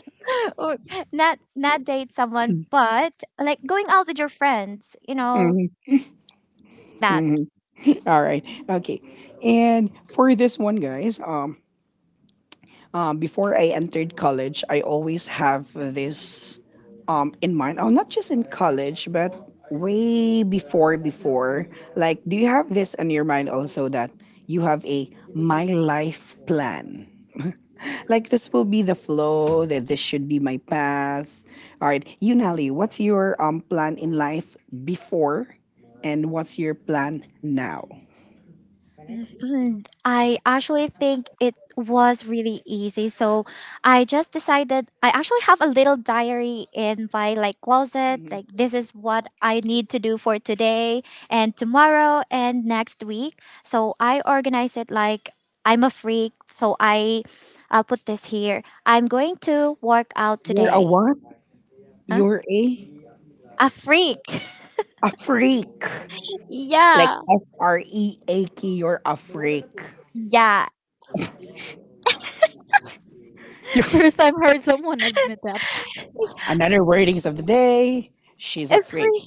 Speaker 3: <laughs> oh, not date someone, but like going out with your friends, you know
Speaker 1: Mm-hmm.
Speaker 3: that.
Speaker 1: Mm-hmm. All right. Okay. And for this one, guys, before I entered college, I always have this in mind. Oh, not just in college, but way before, before. Like, do you have this in your mind also that you have a my life plan? <laughs> Like, this will be the flow, that this should be my path. All right. You, Nelly, what's your plan in life before, and what's your plan now?
Speaker 3: Mhm. I actually think it was really easy. So I just decided. I actually have a little diary in my like closet. Like
Speaker 1: You're
Speaker 3: this is what I need to do for today and tomorrow and next week. So I organize it like I'm a freak. So I'll put this here. I'm going to work out
Speaker 1: a
Speaker 3: today.
Speaker 1: what?
Speaker 3: Huh?
Speaker 1: You're a
Speaker 3: A freak.
Speaker 1: a freak.
Speaker 3: <laughs>
Speaker 1: Like
Speaker 3: Yeah.
Speaker 1: freak, you're a freak.
Speaker 3: Yeah.
Speaker 1: You-
Speaker 2: <laughs> First
Speaker 1: <laughs>
Speaker 2: time heard someone admit that.
Speaker 1: Another wordings of the day. She's a freak.
Speaker 3: Every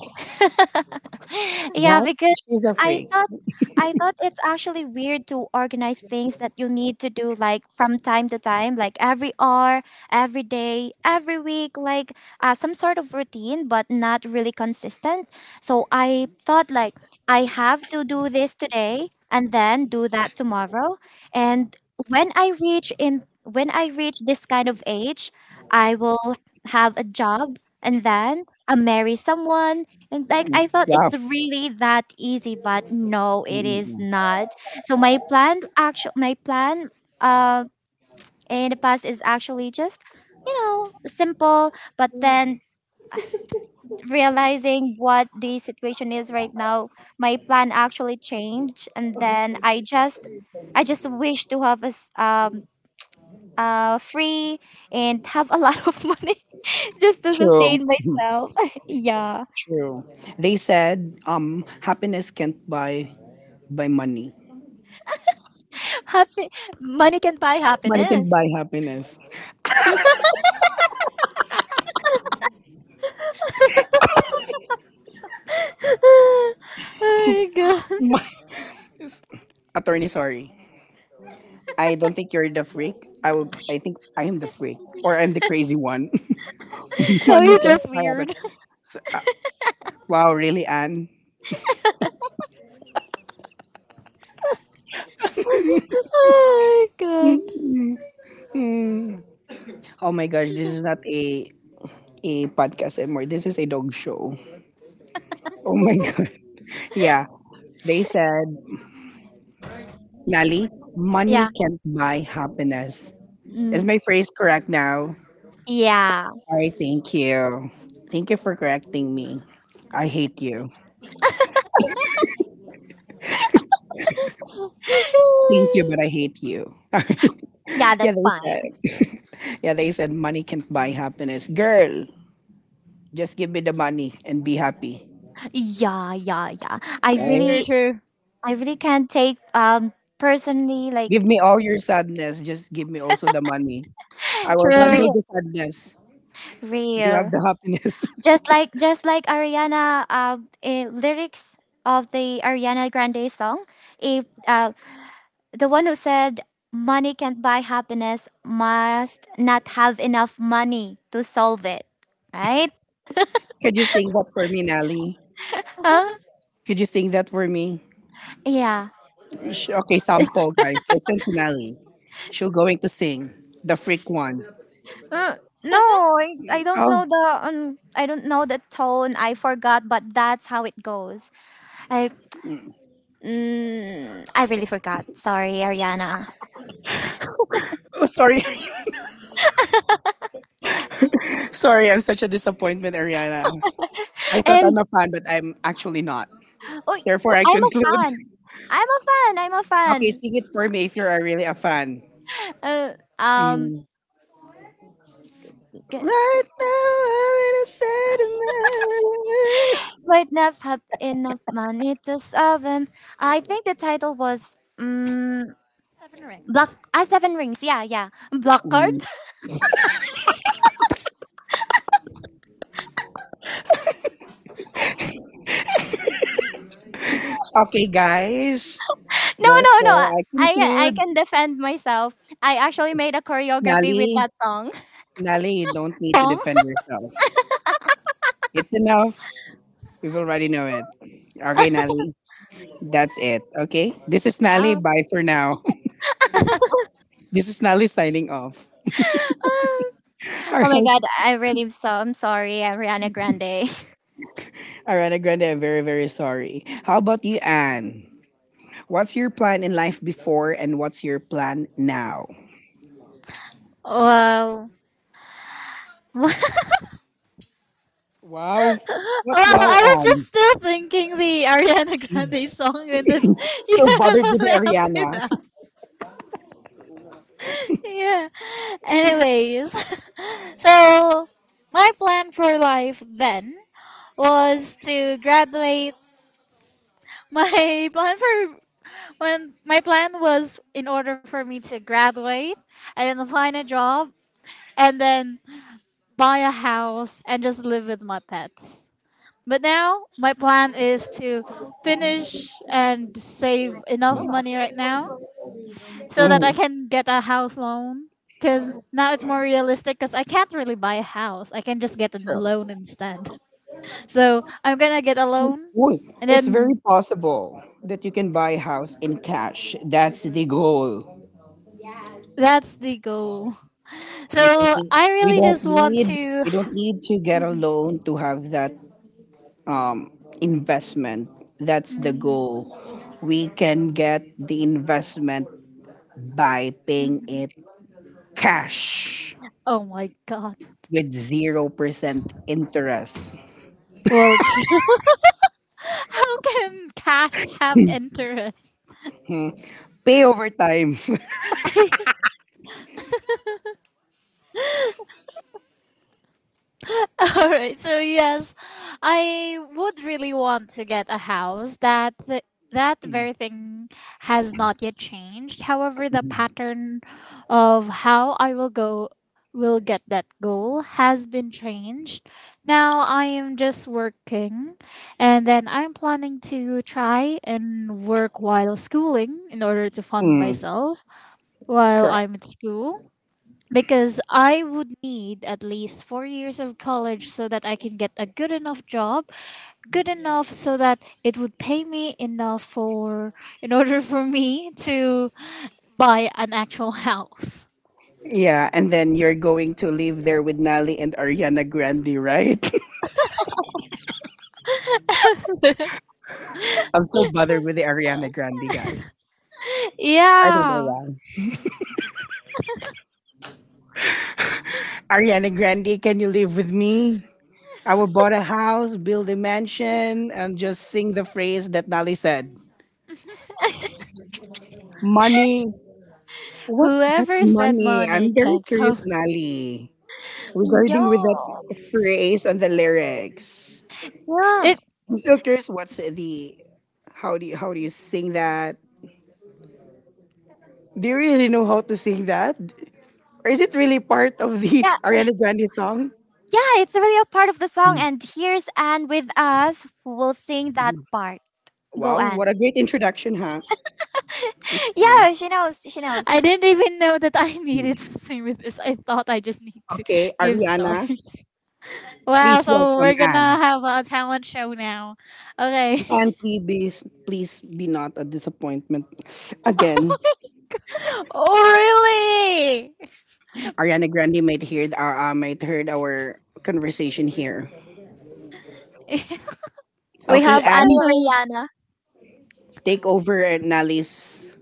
Speaker 3: <laughs> yeah,
Speaker 1: Guys,
Speaker 3: because
Speaker 1: she's a
Speaker 3: I
Speaker 1: freak.
Speaker 3: thought I thought it's actually weird to organize things that you need to do like from time to time, like every hour, every day, every week, like some sort of routine, but not really consistent. So I thought like I have to do this today and then do that tomorrow. And when I reach this kind of age, I will have a job and then marry someone. And like,
Speaker 1: Mm,
Speaker 3: I thought it's
Speaker 1: wow.
Speaker 3: really that easy, but no,
Speaker 1: Mm,
Speaker 3: it
Speaker 1: mm,
Speaker 3: is
Speaker 1: mm.
Speaker 3: not. So my plan uh in the past is actually just, you know, simple. But then <sighs> realizing what the situation is right now, my plan actually changed. And then I just wish to have a free and have a lot of <laughs> money just to
Speaker 1: True.
Speaker 3: sustain
Speaker 1: <laughs>
Speaker 3: myself. <laughs> Yeah.
Speaker 1: True. They said happiness can't buy by money.
Speaker 3: Happy money can buy
Speaker 1: Money can buy
Speaker 3: happiness.
Speaker 1: happiness.
Speaker 2: <laughs> Oh my god. <laughs>
Speaker 1: <laughs> Attorney, sorry. I don't think you're the freak. I think I am the freak. Or I'm the crazy one. <laughs>
Speaker 2: No,
Speaker 1: Money
Speaker 2: you're
Speaker 1: can't
Speaker 2: just
Speaker 1: buy
Speaker 2: weird.
Speaker 1: happiness. Uh, wow, really, Anne?
Speaker 2: <laughs> Oh my
Speaker 1: Mm,
Speaker 2: god.
Speaker 1: mm, mm. Oh my gosh, this is not a podcast anymore. This is a dog show. Oh my <laughs> god. Yeah. They said, Nali, money
Speaker 3: Yeah.
Speaker 1: can't buy happiness. Is
Speaker 3: Mm,
Speaker 1: my phrase correct now?
Speaker 3: yeah.
Speaker 1: I thank you. Thank you for correcting me. I hate you. Thank you, but I
Speaker 2: <laughs>
Speaker 1: hate you. <laughs>
Speaker 3: Yeah,
Speaker 1: Yeah,
Speaker 3: that's
Speaker 1: they said.
Speaker 3: fine.
Speaker 1: <laughs> Yeah, they said money can't buy happiness. Girl, just give me the money and be happy.
Speaker 3: Yeah,
Speaker 2: True,
Speaker 1: Right?
Speaker 2: true, true.
Speaker 3: I really can't take personally like.
Speaker 1: Give me all your sadness. Just give me also the money. I will handle
Speaker 2: True.
Speaker 3: Real.
Speaker 1: the sadness. You have
Speaker 3: Real.
Speaker 1: the happiness.
Speaker 3: Just like, Ariana, lyrics of the Ariana Grande song. If the one who said money can't buy happiness must not have enough money to solve it, right?
Speaker 1: <laughs> Could you sing that for me, Nelly?
Speaker 3: Huh?
Speaker 1: Could you sing that for me?
Speaker 3: Yeah.
Speaker 1: Okay, sample, guys. Listen to Nelly. She'll going to sing the freak one.
Speaker 3: Mm, no, I don't know
Speaker 1: Oh,
Speaker 3: the I don't know the tone. I forgot, but that's how it goes. I
Speaker 1: mm.
Speaker 3: I really forgot. Sorry, Ariana.
Speaker 1: Oh, sorry. <laughs> Sorry, I'm such a disappointment, Ariana. I
Speaker 3: <laughs>
Speaker 1: thought
Speaker 3: And
Speaker 1: I'm a fan, but I'm actually not. Therefore,
Speaker 3: oh,
Speaker 1: I
Speaker 3: I'm a
Speaker 1: conclude. <laughs>
Speaker 3: fan. I'm a
Speaker 1: Okay,
Speaker 3: fan.
Speaker 1: sing it for me if you're really a fan.
Speaker 3: Uh, um,
Speaker 1: Mm.
Speaker 3: g-
Speaker 1: Right now, I'm in a sentiment.
Speaker 3: might not have enough money to solve them. I think the title was
Speaker 2: Seven
Speaker 3: Black.
Speaker 2: Rings.
Speaker 3: Ah, Seven Rings. Yeah. Black Card.
Speaker 1: Mm. Okay, guys.
Speaker 3: No, No.
Speaker 1: Therefore, I
Speaker 3: I can
Speaker 1: conclude,
Speaker 3: defend myself. I actually made a choreography
Speaker 1: Nali,
Speaker 3: with that song. <laughs>
Speaker 1: Nali, you don't need to
Speaker 2: Song? <laughs>
Speaker 1: defend yourself. It's enough. We've already know it. Okay, Nali, that's it. Okay, this is
Speaker 3: Yeah.
Speaker 1: Nali. Bye for now. <laughs> This is Nali signing off.
Speaker 3: <laughs> Oh
Speaker 1: <laughs> All right,
Speaker 3: my god, I really am so. I'm sorry, Ariana Grande.
Speaker 1: Ariana Grande. I'm very, very sorry. How about you, Anne? What's your plan in life before, and what's your plan now?
Speaker 2: Well, <laughs> well,
Speaker 1: Wow, what wow,
Speaker 2: I was
Speaker 1: Anne?
Speaker 2: just still thinking the Ariana Grande
Speaker 1: <laughs>
Speaker 2: song, and then <laughs>
Speaker 1: Still
Speaker 2: yeah,
Speaker 1: bothered with
Speaker 2: suddenly asked me
Speaker 1: Ariana.
Speaker 2: that.
Speaker 1: <laughs>
Speaker 2: Yeah. Anyways, <laughs> so my plan for life then was to graduate. My plan for— when my plan was in order for me to graduate and then find a job and then buy a house, and just live with my pets. But now my plan is to finish and save enough money right now so that I
Speaker 1: Mm,
Speaker 2: can get a house loan. Because now it's more realistic because I can't really buy a house. I can just get a
Speaker 1: sure.
Speaker 2: loan instead. <laughs> So I'm going to get a
Speaker 1: Mm,
Speaker 2: loan,
Speaker 1: Uy,
Speaker 2: and
Speaker 1: it's very
Speaker 2: then
Speaker 1: possible that you can buy a house in cash. That's the goal.
Speaker 2: that's the goal.
Speaker 1: We,
Speaker 2: So I
Speaker 1: we
Speaker 2: really
Speaker 1: don't
Speaker 2: just want
Speaker 1: need
Speaker 2: to.
Speaker 1: we don't need to get a loan to have that um, investment. That's the
Speaker 2: Mhm.
Speaker 1: goal. We can get the investment by paying it cash
Speaker 2: Oh my god.
Speaker 1: with 0% interest.
Speaker 2: Well, <laughs> how can cash have interest?
Speaker 1: Hmm. Pay over time. <laughs>
Speaker 2: <laughs> <laughs> All right. So yes, I would really want to get a house, that that very thing has not yet changed. However, the pattern of how I will go will get that goal has been changed. Now I am just working, and then I'm planning to try and work while schooling in order to fund
Speaker 1: Mm,
Speaker 2: myself while
Speaker 1: correct.
Speaker 2: I'm at school, because I would need at least 4 years of college so that I can get a good enough job, good enough so that it would pay me enough for— in <laughs> order for me to buy an actual house.
Speaker 1: Yeah, and then you're going to live there with Nali and Ariana Grande, right? <laughs> I'm so bothered with the Ariana Grande guys.
Speaker 2: <laughs>
Speaker 1: I don't know
Speaker 2: Yeah.
Speaker 1: why. Ariana Grande, can you live with me? I will bought a house, build a mansion, and just sing the phrase that Nali said. Money. What's that
Speaker 2: Whoever said
Speaker 1: money?
Speaker 2: money
Speaker 1: I'm very
Speaker 2: can't so—
Speaker 1: curious, Nali,
Speaker 3: <laughs>
Speaker 1: regarding with
Speaker 3: Yo.
Speaker 1: that phrase and the lyrics.
Speaker 2: <laughs>
Speaker 3: Yeah.
Speaker 2: it—
Speaker 1: I'm still curious. What's the How do you sing that? Do you really know how to sing that? Or is it really part of the
Speaker 3: Yeah.
Speaker 1: <laughs> Ariana Grande song?
Speaker 3: Yeah, it's really a part of the song
Speaker 1: Mm,
Speaker 3: and here's Anne with us who will sing that
Speaker 1: mm,
Speaker 3: part. Go
Speaker 1: Wow, what
Speaker 3: Anne.
Speaker 1: a great introduction, huh? That's
Speaker 3: <laughs> Yeah,
Speaker 1: all.
Speaker 3: she knows. She knows.
Speaker 2: I didn't even know that I <laughs>
Speaker 1: Mm.
Speaker 2: needed to sing with this. I thought I just need to
Speaker 1: Okay,
Speaker 2: give stars.
Speaker 1: Ariana,
Speaker 2: <laughs> Wow,
Speaker 1: please
Speaker 2: so
Speaker 1: welcome
Speaker 2: we're gonna
Speaker 1: Anne.
Speaker 2: have a talent show now. Okay.
Speaker 1: Anne, please, please be not a disappointment again.
Speaker 2: <laughs> Oh
Speaker 1: Ariana Grande might hear our might heard our conversation here.
Speaker 2: really? <laughs>
Speaker 3: We
Speaker 1: Okay,
Speaker 3: have Annie
Speaker 1: Anne,
Speaker 2: Oh,
Speaker 3: Rihanna.
Speaker 1: take over at Nally's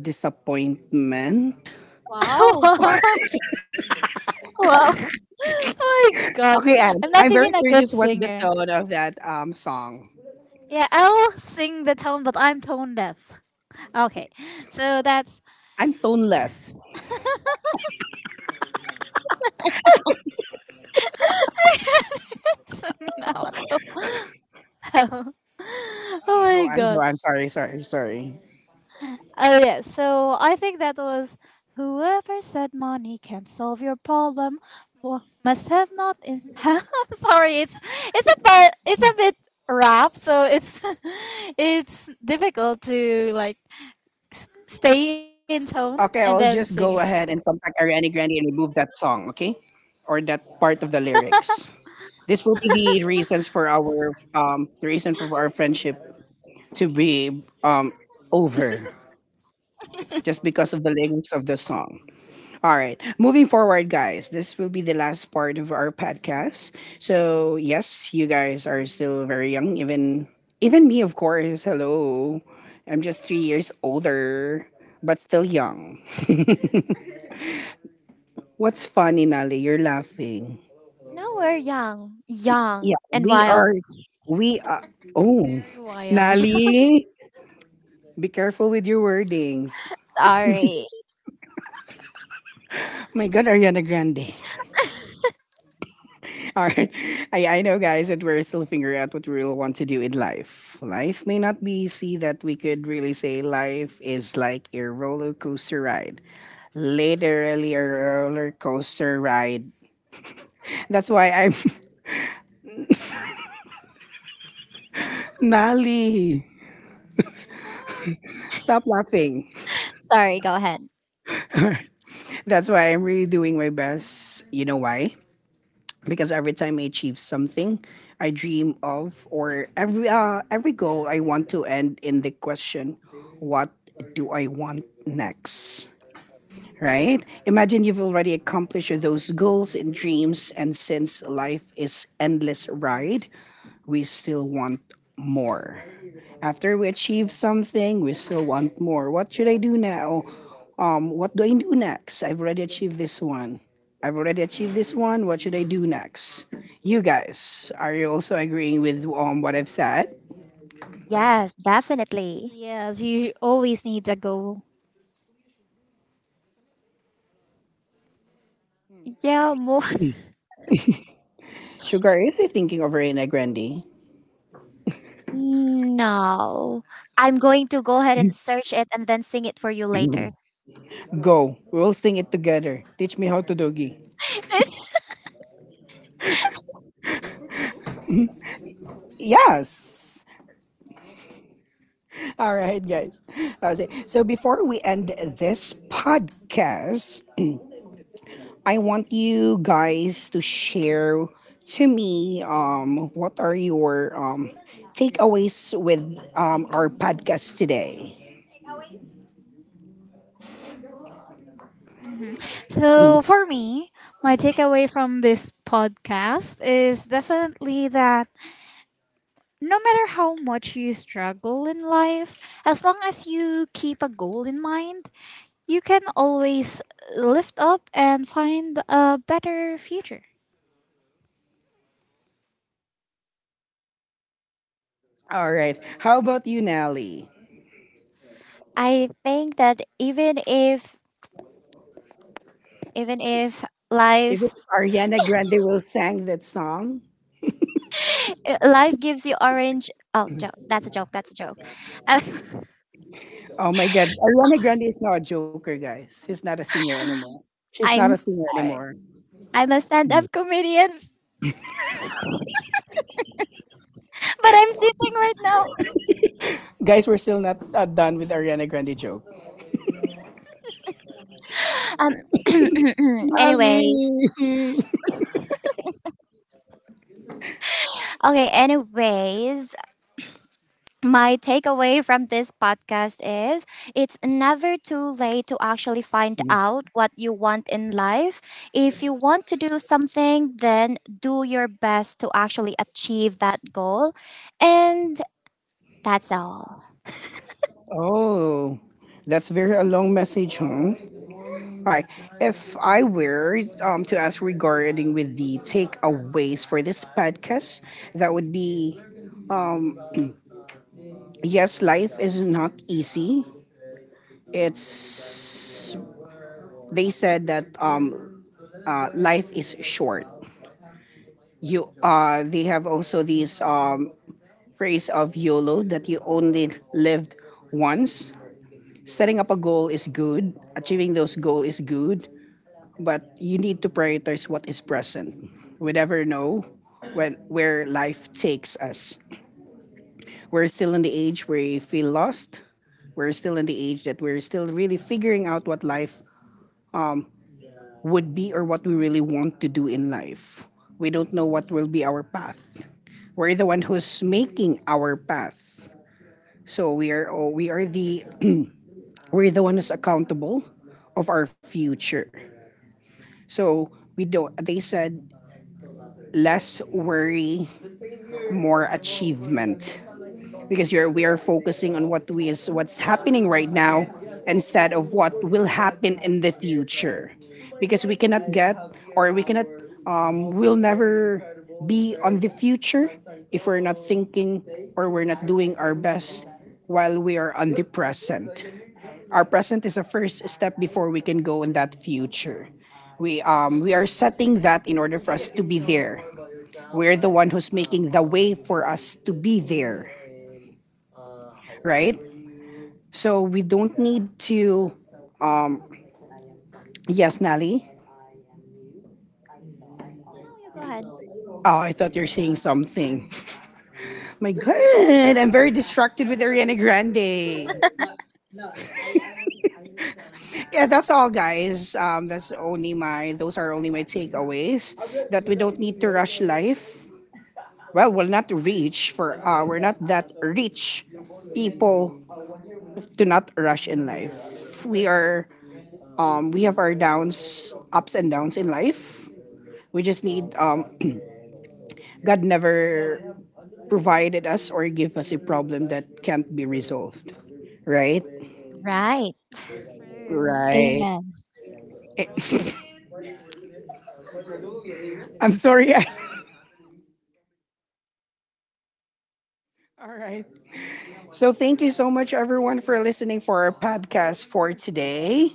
Speaker 1: disappointment.
Speaker 2: <laughs>
Speaker 3: Wow.
Speaker 2: wow. Oh
Speaker 3: Wow.
Speaker 2: my god.
Speaker 1: Okay, Anne,
Speaker 2: I'm
Speaker 1: I'm
Speaker 2: not
Speaker 1: very
Speaker 2: even a
Speaker 1: curious.
Speaker 2: good
Speaker 1: What's the
Speaker 2: singer.
Speaker 1: tone of that song?
Speaker 2: Yeah, I'll sing the tone, but I'm tone deaf. Okay, so that's.
Speaker 1: I'm toneless.
Speaker 2: <laughs> Sing now, what the hell? Oh
Speaker 1: Okay, go
Speaker 2: my
Speaker 1: on, go
Speaker 2: god.
Speaker 1: on. Sorry, sorry, sorry.
Speaker 2: Oh yeah, so I think that was whoever said money can't solve your problem must have not in. <laughs> Huh? Sorry, it's it's a bit rap, so it's <laughs> it's difficult to like stay in tone
Speaker 1: Okay,
Speaker 2: and
Speaker 1: I'll
Speaker 2: then
Speaker 1: just
Speaker 2: sing
Speaker 1: go
Speaker 2: it.
Speaker 1: ahead and contact Ariana Grande and remove that song, okay? Or that part of the lyrics. This will be the reason for our friendship to be over just because of the lyrics of the song. All right. Moving forward, guys, this will be the last part of our podcast. So, yes, you guys are still very young, even me, of course. Hello. I'm just 3 years older, but still young. <laughs> What's funny, Nali? You're laughing.
Speaker 3: Now we're young.
Speaker 1: Yeah,
Speaker 3: Young and
Speaker 1: we
Speaker 3: wild.
Speaker 1: are we are Oh,
Speaker 2: Very wild. <laughs>
Speaker 1: Nali, be careful with your wordings.
Speaker 3: Sorry.
Speaker 1: My god, Ariana Grande. All right. I know, guys, that we're still figuring out what we really want to do in life. Life may not be easy, that we could really say life is like a roller coaster ride. Literally a roller coaster ride. That's why I'm. <laughs> Nali, stop laughing.
Speaker 3: Sorry, go ahead.
Speaker 1: That's why I'm really doing my best. You know why? Because every time I achieve something I dream of, or every goal I want to end in the question, what do I want next? Right? Imagine you've already accomplished those goals and dreams, and since life is endless ride, we still want more. After we achieve something, we still want more. What should I do now? What do I do next? I've already achieved this one. What should I do next? You guys, are you also agreeing with what I've said?
Speaker 3: Yes, definitely.
Speaker 2: Yes, you always need a goal.
Speaker 3: Yeah, more. <laughs>
Speaker 1: Sugar, is he thinking of Reina Grande?
Speaker 3: No. I'm going to go ahead and search it and then sing it for you later.
Speaker 1: Go. We'll sing it together. Teach me how to doggy.
Speaker 3: <laughs>
Speaker 1: Yes. All right, guys. So before we end this podcast, I want you guys to share to me what are your takeaways with our podcast today.
Speaker 2: Hmm. So, for me, my takeaway from this podcast is definitely that no matter how much you struggle in life, as long as you keep a goal in mind, you can always lift up and find a better future.
Speaker 1: All right. How about you, Nelly?
Speaker 3: I think that even if
Speaker 1: If it's
Speaker 3: life.
Speaker 1: Ariana Grande will sang that song.
Speaker 3: <laughs> Life gives you orange. Oh joke, that's a joke. Uh,
Speaker 1: Oh my God, Ariana Grande is not a joker, guys.
Speaker 3: <laughs>
Speaker 1: She's not a
Speaker 3: I'm
Speaker 1: singer
Speaker 3: sorry,
Speaker 1: anymore.
Speaker 3: I'm a stand-up comedian. <laughs> But I'm sitting right now.
Speaker 1: Guys, we're still not done with Ariana Grande joke.
Speaker 3: um <clears throat>
Speaker 1: Ali.
Speaker 3: Anyways, okay anyways, my takeaway from this podcast is it's never too late to actually find out what you want in life. If you want to do something, then do your best to actually achieve that goal. And that's all.
Speaker 1: Oh, that's very a long message, huh? Alright, if I were to ask regarding with the takeaways for this podcast, that would be yes, life is not easy. It's they said that Life is short. You They have also this phrase of YOLO that you only lived once. Setting up a goal is good, achieving those goals is good, but you need to prioritize what is present. We never know when where life takes us. We're still in the age where we feel lost. We're still in the age that we're still really figuring out what life would be or what we really want to do in life. We don't know what will be our path. We're the one who's making our path. We are the <clears throat> we're the one who's accountable of our future. So we don't, they said less worry, more achievement because we are focusing on what we is what's happening right now instead of what will happen in the future because we cannot we'll never be on the future if we're not thinking or we're not doing our best while we are on the present. Our present is a first step before we can go in that future. We are setting that in order for us to be there. We're the one who's making the way for us to be there, right? So we don't need to. Um, yes, Nelly.
Speaker 3: Now you go ahead.
Speaker 1: Oh, I thought you were saying something. <laughs> My God, I'm very distracted with Ariana Grande. Yeah, that's all, guys. That's only my. Those are only my takeaways. That we don't need to rush life. Well, we're not rich for. We're not that rich people to not rush in life. We are. We have our downs, ups and downs in life. We just need <clears throat> God never provided us or give us a problem that can't be resolved. Right?
Speaker 3: Right.
Speaker 2: True.
Speaker 1: Right.
Speaker 2: Amen.
Speaker 1: <laughs> I'm sorry. <laughs> All right. So thank you so much everyone for listening for our podcast for today.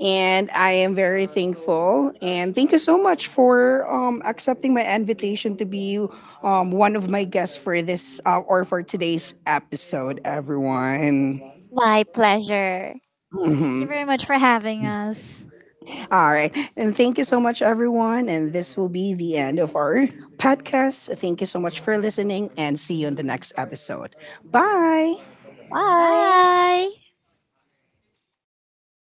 Speaker 1: And I am very thankful. And thank you so much for accepting my invitation to be one of my guests for this or for today's episode, everyone.
Speaker 3: My pleasure.
Speaker 2: Thank you
Speaker 1: Mhm.
Speaker 2: very much for having us.
Speaker 1: All right. And thank you so much, everyone. And this will be the end of our podcast. Thank you so much for listening and see you in the next episode. Bye.
Speaker 3: Bye.
Speaker 2: Bye.